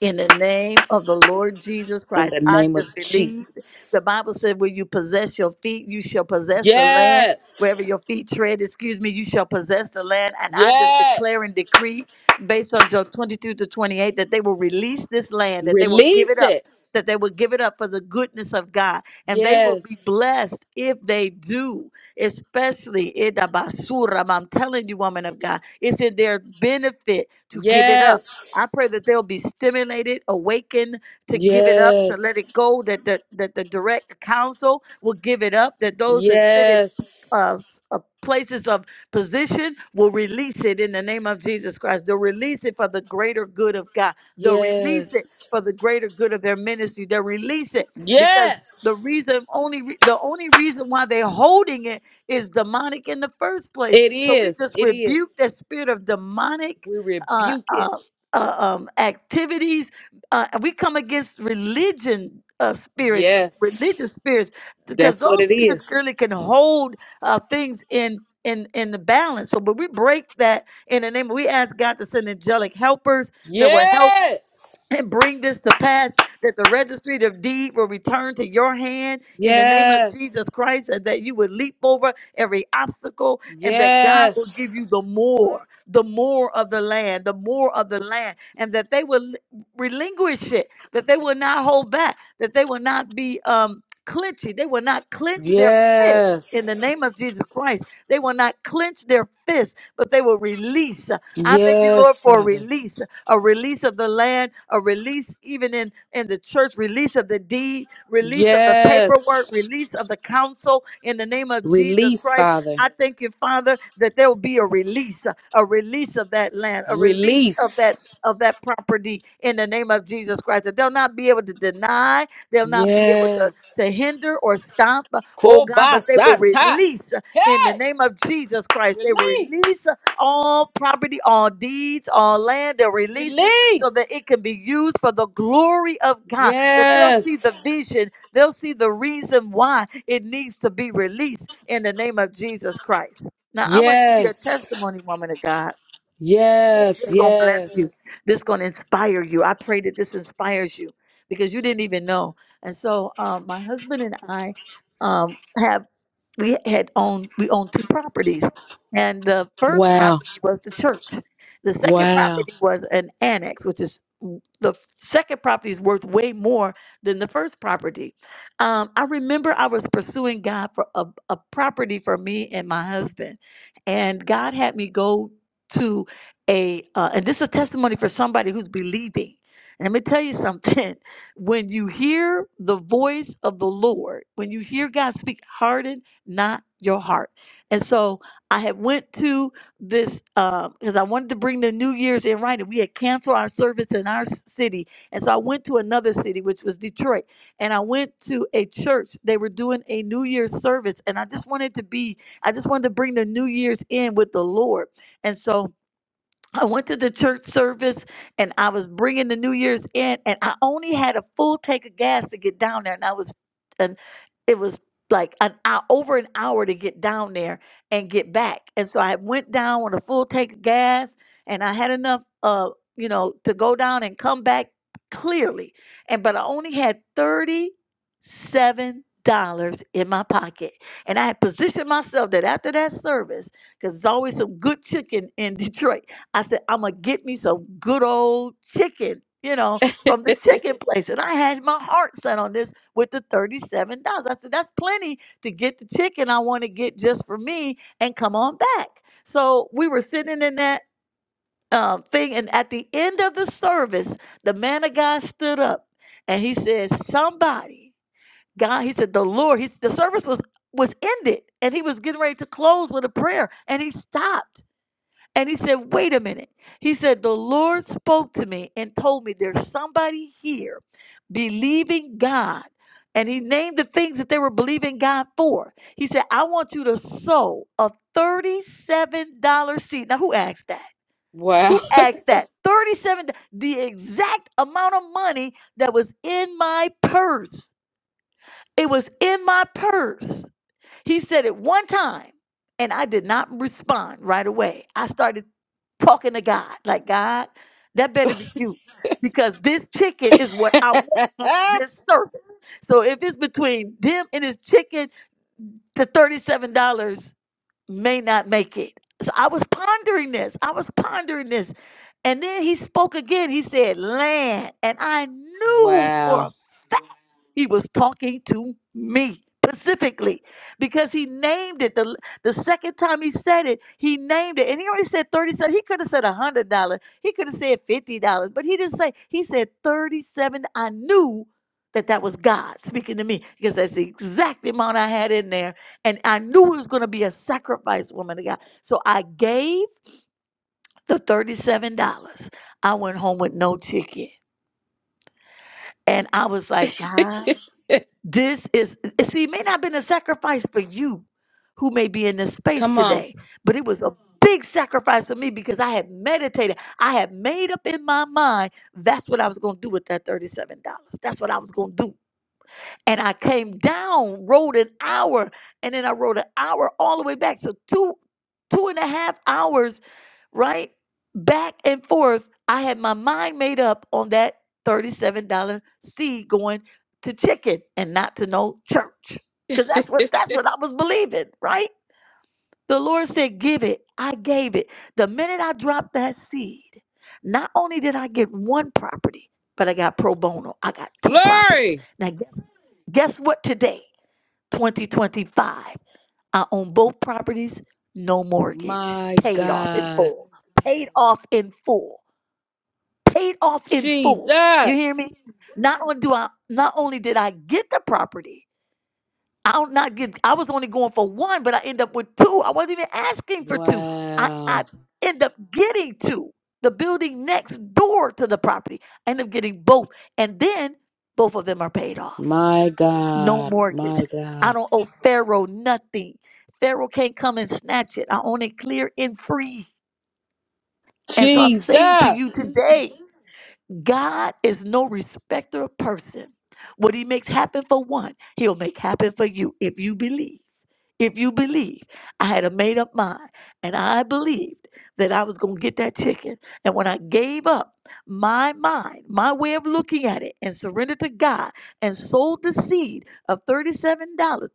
S2: in the name of the Lord Jesus
S1: In
S2: Christ.
S1: the
S2: I
S1: name of
S2: just believe
S1: Jesus.
S2: the Bible said, Where you possess your feet, you shall possess the land. Wherever
S1: Yes.
S2: your feet tread, excuse me, you shall possess the land. And I just declare and
S1: Yes.
S2: decree based on Job 22 to 28 that they will release this land, that they will give it
S1: Release
S2: up,
S1: it.
S2: that they will give it up for the goodness of God and they will be
S1: Yes.
S2: blessed if they do, especially Idabasura. I'm telling you, woman of God, it's in their benefit to give it up.
S1: Yes.
S2: I pray that they'll be stimulated, awakened to give it up, to let it
S1: Yes.
S2: go, that the, that the direct counsel will give it up, that those that sit in
S1: Yes.
S2: uh, uh, places of position will release it in the name of Jesus Christ. They'll release it for the greater good of God. They'll release it
S1: Yes.
S2: for the greater good of their ministry. They'll release it because the
S1: Yes.
S2: reason only re- the only reason why they're holding it is demonic in the first place.
S1: It
S2: So we
S1: is.
S2: just
S1: It
S2: rebuke
S1: is.
S2: that spirit of demonic.
S1: We
S2: Uh,
S1: rebuke it.
S2: uh, uh, um, activities. Uh, we come against religion uh, spirits, religious
S1: Yes.
S2: spirits, because
S1: That's what
S2: those
S1: it
S2: spirits
S1: is.
S2: clearly can hold uh, things in. In, in the balance. So, but we break that in the name. We ask God to send angelic helpers that will help
S1: Yes.
S2: and bring this to pass that the registry of deed will return to your hand in the name of Jesus
S1: Yes.
S2: Christ and that you would leap over every obstacle and that God will give
S1: Yes.
S2: you the more the more of the land the more of the land and that they will relinquish it that they will not hold back that they will not be um clenching. They will not clench their fists in the
S1: Yes.
S2: name of Jesus Christ. They will not clench their fists, but they will release. I thank you, Lord,
S1: Yes,
S2: for a
S1: Father.
S2: release, a release of the land, a release even in, in the church, release of the deed, release of the paperwork,
S1: Yes.
S2: release of the counsel in the name of Jesus
S1: Release,
S2: Christ.
S1: Father.
S2: I thank you, Father, that there will be a release, a release of that land, a release of
S1: Release.
S2: that of that property in the name of Jesus Christ. That they'll not be able to deny, they'll not be able to,
S1: Yes.
S2: to hinder or stop, uh, oh God, but they will
S1: Kobasata.
S2: release uh, in the
S1: Hey!
S2: name of Jesus Christ. They will
S1: Release.
S2: release uh, all property, all deeds, all land. They'll release it so that
S1: Release.
S2: it can be used for the glory of God. That they'll see the
S1: Yes.
S2: vision, they'll see the reason why it needs to be released in the name of Jesus Christ. Now, I'm going to give you a
S1: Yes.
S2: testimony, woman of God.
S1: Yes,
S2: This gonna bless
S1: yes.
S2: you. This gonna inspire you. I pray that this inspires you because you didn't even know. And so, um, my husband and I um, have we had owned we owned two properties, and the first
S1: Wow.
S2: property was the church. The second
S1: Wow.
S2: property was an annex, which is w- the f- second property is worth way more than the first property. Um, I remember I was pursuing God for a, a property for me and my husband, and God had me go. to a uh, and this is testimony for somebody who's believing and let me tell you something when you hear the voice of the lord when you hear god speak harden not your heart and so i had went to this because i wanted to bring the new year's in writing we had canceled our service in our s- city and so i went to another city which was detroit and i went to a church they were doing a new year's service and i just wanted to be i just wanted to bring the new year's in with the lord and so I went to the church service and I was bringing the New Year's in, and I only had a full tank of gas to get down there, and I was, and it was like an hour, over an hour to get down there and get back, and so I went down with a full tank of gas, and I had enough, uh, you know, to go down and come back clearly, and but I only had thirty seven dollars in my pocket, and I had positioned myself that after that service, because there's always some good chicken in Detroit. I said, I'm gonna get me some good old chicken, you know, from the chicken place. And I had my heart set on this with the $37. I said, that's plenty to get the chicken I want to get just for me and come on back. So we were sitting in that um, thing, and at the end of the service, the man of God stood up and he said, Somebody, God, he said, the Lord, he, the service was was ended and he was getting ready to close with a prayer and he stopped and he said, Wait a minute. He said, The Lord spoke to me and told me there's somebody here believing God. And he named the things that they were believing God for. He said, I want you to sow a $37 seed. Now, who asked that?
S1: Wow.
S2: Who asked that? 37, the exact amount of money that was in my purse. It was in my purse. He said it one time, and I did not respond right away. I started talking to God, like, God, that better be you, because this chicken is what I want at this service. So if it's between them and his chicken, the $37 may not make it. So I was pondering this. I was pondering this. And then he spoke again. He said, Land. And I knew for a
S1: wow.
S2: fact. He was talking to me specifically because he named it the the second time he said it he named it and he already said 30 cents he could have said $100 he could have said $50 but he didn't say he said 37 i knew that that was god speaking to me because that's the exact amount i had in there and i knew it was going to be a sacrifice woman of god so i gave the $37 i went home with no chicken and i was like god This is, see, it may not have been a sacrifice for you who may be in this space
S1: Come on.
S2: today, but it was a big sacrifice for me because I had meditated. I had made up in my mind that's what I was going to do with that $37. That's what I was going to do. And I came down, rode an hour, and then I rode an hour all the way back. So two, two and a half hours right? Back and forth. I had my mind made up on that $37 seed going to chicken and not to no church. Cause that's what that's what I was believing, right? The Lord said, give it. I gave it. The minute I dropped that seed, not only did I get one property, but I got pro bono. I got two properties.
S1: Glory.
S2: Now guess, guess what today? 2025. I own both properties, no mortgage,
S1: My
S2: paid off in
S1: God.
S2: full, paid off in full, paid off in full. You hear
S1: Jesus.
S2: me? Not only do I, not only did I get the property, I don't not get. I was only going for one, but I end up with two. I wasn't even asking for two. I
S1: Wow.
S2: I end up getting two. The building next door to the property, I end up getting both, and then both of them are paid off
S1: My
S2: no
S1: God.
S2: mortgage.
S1: My
S2: I
S1: God.
S2: don't owe Pharaoh nothing. Pharaoh can't come and snatch it. I own it clear and free. And so I'm saying to you Mhm.
S1: Jesus.
S2: today, God is no respecter of person. What he makes happen for one, he'll make happen for you if you believe if you believe i had a made up mind and i believed that i was going to get that chicken and when i gave up my mind my way of looking at it and surrendered to god and sold the seed of $37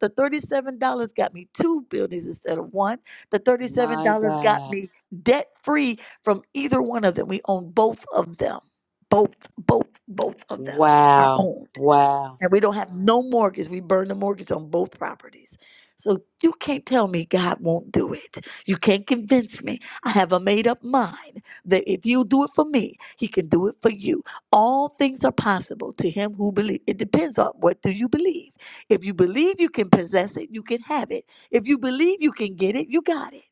S2: the $37 got me two buildings instead of one the $37
S1: My
S2: got
S1: God.
S2: me debt free from either one of them we own both of them both both both of them are
S1: Wow.
S2: owned
S1: Wow.
S2: and we don't have no mortgage. We burn the mortgage on both properties. So you can't tell me God won't do it. You can't convince me. I have a made up mind that if you do it for me, he can do it for you. All things are possible to him who believes. It depends on what do you believe. If you believe you can possess it, you can have it. If you believe you can get it, you got it.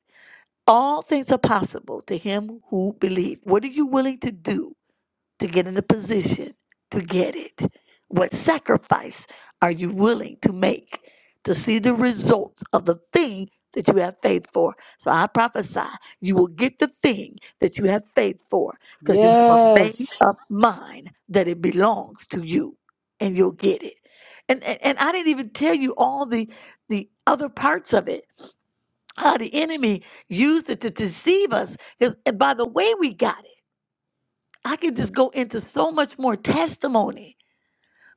S2: All things are possible to him who believes. What are you willing to do to get in the position to get it? What sacrifice are you willing to make to see the results of the thing that you have faith for? So I prophesy you will get the thing that you have faith for because you have a made
S1: Yes.
S2: up mind that it belongs to you and you'll get it. And, and, and I didn't even tell you all the, the other parts of it, how the enemy used it to deceive us 'cause- and by the way we got it. I could just go into so much more testimony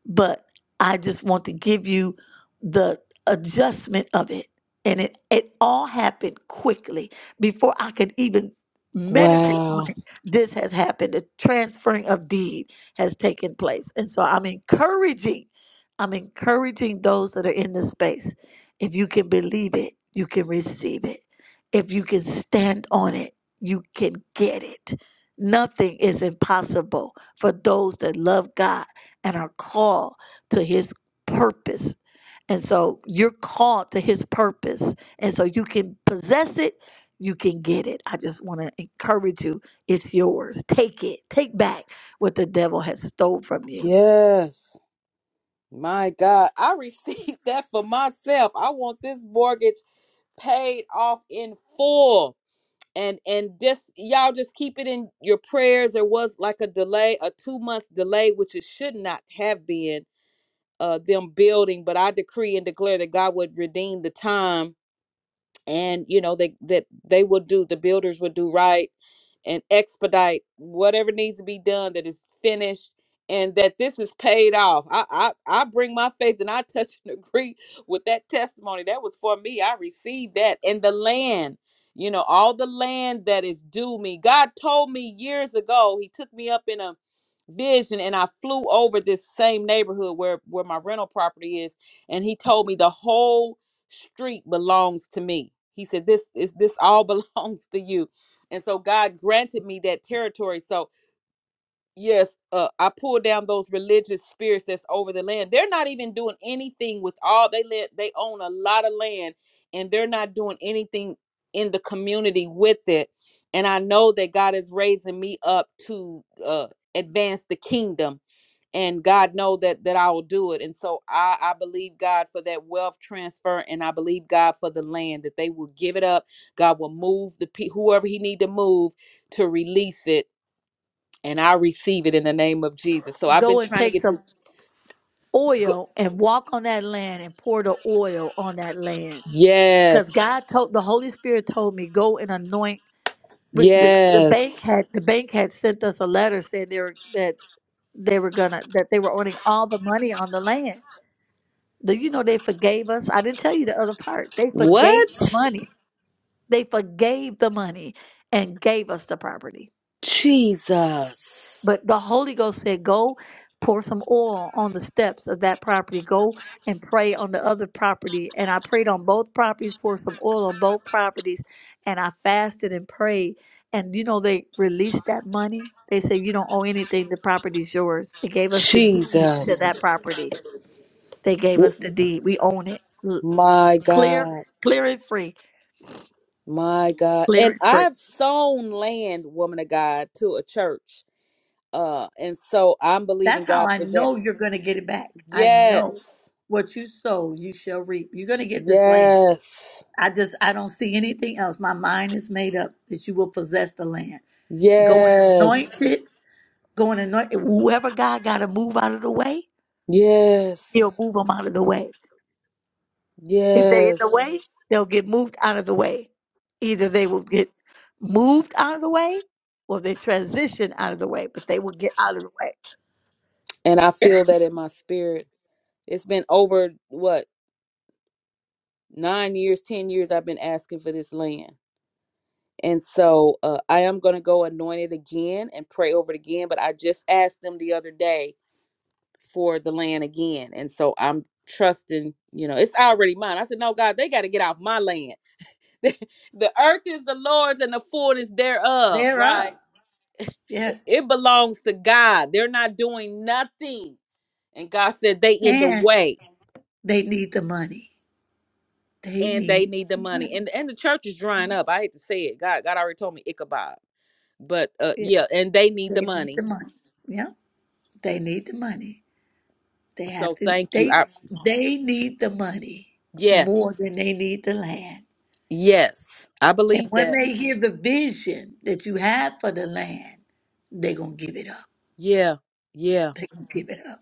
S2: but I just want to give you the adjustment of it. And it, it all happened quickly before I could even meditate on
S1: Wow.
S2: it. This has happened. The transferring of deed has taken place. And so I'm encouraging, I'm encouraging those that are in this space. If you can believe it, you can receive it. If you can stand on it, you can get it. Nothing is impossible for those that love God and are called to his purpose. And so you're called to his purpose. And so you can possess it, you can get it. I just want to encourage you. It's yours. Take it. Take back what the devil has stole from you.
S1: Yes. My God, I received that for myself. I want this mortgage paid off in full. And and just y'all just keep it in your prayers. There was like a delay, a two months delay, which it should not have been uh them building, but I decree and declare that God would redeem the time and you know they that they will do the builders will do right and expedite whatever needs to be done that is finished and that this is paid off. I I, I bring my faith and I touch and agree with that testimony. That was for me. I received that. And the land, you know, all the land that is due me. God told me years ago, He took me up in a vision and I flew over this same neighborhood where where my rental property is and he told me the whole street belongs to me. He said this is this all belongs to you and so God granted me that territory. So, yes, uh, I pulled down those religious spirits that's over the land. They're not even doing anything with all they land. They own a lot of land and they're not doing anything in the community with it. And I know that God is raising me up to uh, advance the kingdom and God know that that I will do it. And so I I believe God for that wealth transfer, and I believe God for the land that they will give it up. God will move the pe- whoever He need to move to release it, and I receive it in the name of Jesus. So I've
S2: Go
S1: been
S2: and
S1: trying to
S2: take
S1: get
S2: some
S1: this. Go-
S2: oil and walk on that land and pour the oil on that land. Because
S1: yes,
S2: God told the Holy Spirit told me go and anoint. we- The, the bank
S1: yes.
S2: had the bank had sent us a letter saying they were that they were gonna that they were owning all the money on the land. Do you know they forgave us? I didn't tell you the other part. They forgave the
S1: What
S2: money. They forgave the money and gave us the property.
S1: Jesus,
S2: But the Holy Ghost said, Go pour some oil on the steps of that property. Go and pray on the other property. And I prayed on both properties, poured some oil on both properties, and I fasted and prayed. And you know, they released that money. They said, You don't owe anything, the property's yours. They gave us the deed to that
S1: Jesus,
S2: property. They gave us the deed. We own it. L-
S1: my
S2: Clear,
S1: God.
S2: clear and free,
S1: My God.
S2: clear
S1: And
S2: and free.
S1: I've sown land, woman of God, to a church. Uh, and so I'm
S2: That's
S1: believing
S2: how
S1: God
S2: I
S1: for that.
S2: know you're going to get it back. I know
S1: Yes.
S2: what you sow, you shall reap. You're going to get this land.
S1: Yes.
S2: I just I don't see anything else. My mind is made up that you will possess the land. Go and anoint
S1: Yes.
S2: it. Go and anoint it. Whoever God got to move out of the way, He'll
S1: Yes.
S2: move them out of the way. If they in
S1: Yes.
S2: the way, they'll get moved out of the way. Either they will get moved out of the way, or they transition out of the way. But they will get out of the way.
S1: And I feel that in my spirit. It's been over what, nine years, 10 years I've been asking for this land. And so uh, I am going to go anoint it again and pray over it again. But I just asked them the other day for the land again. And so I'm trusting, you know, it's already mine. I said, no, God, they got to get off my land the earth is the Lord's and the fullness thereof,
S2: They're
S1: right?
S2: up.
S1: It
S2: Yes,
S1: belongs to God. They're not doing nothing. And God said they in the
S2: and
S1: way
S2: they need the money. They
S1: and they
S2: need
S1: need the
S2: the
S1: money.
S2: money.
S1: And and the church is drying up. I hate to say it. God God already told me Ichabod. But uh
S2: Yeah,
S1: yeah, and they need
S2: they
S1: the
S2: need the
S1: money.
S2: money. Yeah, they need the money. They have
S1: So
S2: to
S1: thank you.
S2: they
S1: I
S2: they need the money more
S1: yes.
S2: than they need the land.
S1: Yes. I
S2: And
S1: believe
S2: when
S1: that.
S2: they hear the vision that you have for the land, they're gonna give it up.
S1: Yeah. Yeah.
S2: They're gonna give it up.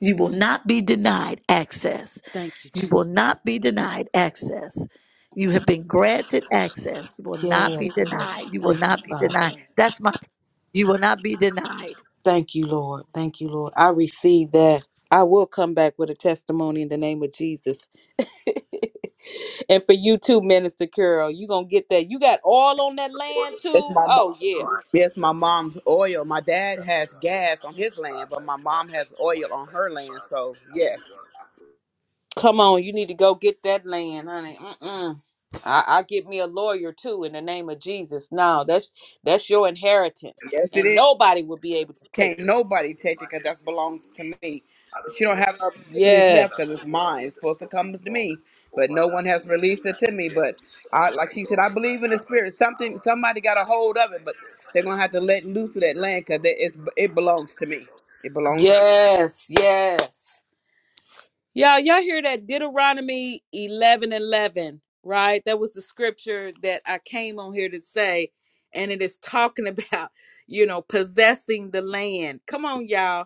S2: You will not be denied access.
S1: Thank you,
S2: You
S1: Jesus.
S2: will not be denied access. You have been granted access. You will not be denied.
S1: Yes.
S2: You will
S1: Thank you,
S2: not be
S1: Father.
S2: denied. That's my you will not be denied.
S1: Thank you, Lord. Thank you, Lord. I receive that. I will come back with a testimony in the name of Jesus. and for you too, Minister Carol, you gonna get that. You got oil on that land
S3: It's
S1: too.
S3: my mom.
S1: Oh yeah.
S3: Yes, my mom's oil. My dad has gas on his land, but my mom has oil on her land. So yes,
S1: Come on, you need to go get that land, honey. Mm-mm. I, I get me a lawyer too in the name of Jesus. No, that's that's your inheritance,
S3: yes, it
S1: and
S3: is.
S1: nobody will be able to
S3: Can't
S1: take it.
S3: nobody take it because that belongs to me. But you don't have no opportunities left because it's
S1: Yes,
S3: mine. It's supposed to come to me, but no one has released it to me. But I, like she said, I believe in the spirit. Something, somebody got a hold of it, but they're gonna have to let loose of that land because it, belongs to me. It belongs to
S1: yes, yes. Y'all, y'all hear that Deuteronomy eleven eleven, right? That was the scripture that I came on here to say. And it is talking about, you know, possessing the land. Come on, y'all.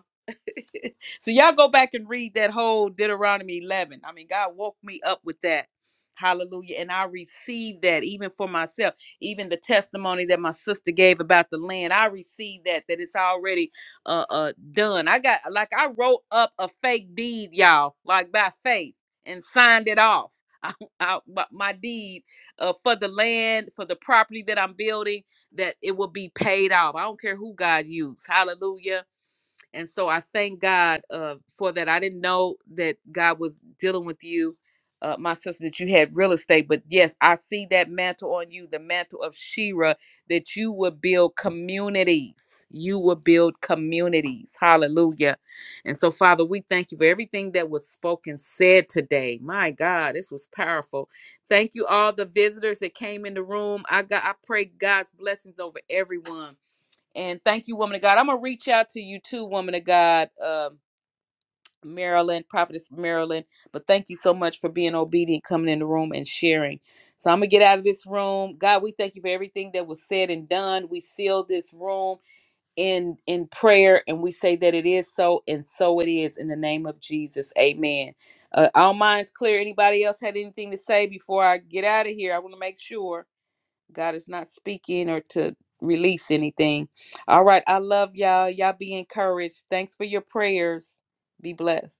S1: so y'all go back and read that whole Deuteronomy 11. I mean, God woke me up with that. Hallelujah. And I received that even for myself. Even the testimony that my sister gave about the land, I received that, that it's already uh, uh, done. I got, like, I wrote up a fake deed, y'all, like by faith and signed it off. I, I, my my deed uh, for the land, for the property that I'm building, that it will be paid off. I don't care who God used. Hallelujah and so I thank God uh, for that. I didn't know that God was dealing with you, uh, my sister, that you had real estate. But yes, I see that mantle on you, the mantle of Shira, that you will build communities. You will build communities. Hallelujah. And so, Father, we thank you for everything that was spoken, said today. My God, this was powerful. Thank you, all the visitors that came in the room. I got I pray God's blessings over everyone. And thank you, woman of God. I'm gonna reach out to you too, woman of God, um, Marilyn, prophetess Marilyn. But thank you so much for being obedient, coming in the room and sharing. So I'm gonna get out of this room. God, we thank you for everything that was said and done. We seal this room in in prayer, and we say that it is so, and so it is in the name of Jesus. Amen. Uh, all minds clear. Anybody else had anything to say before I get out of here? I want to make sure. God is not speaking or to release anything. All right. I love y'all. Y'all be encouraged. Thanks for your prayers. Be blessed.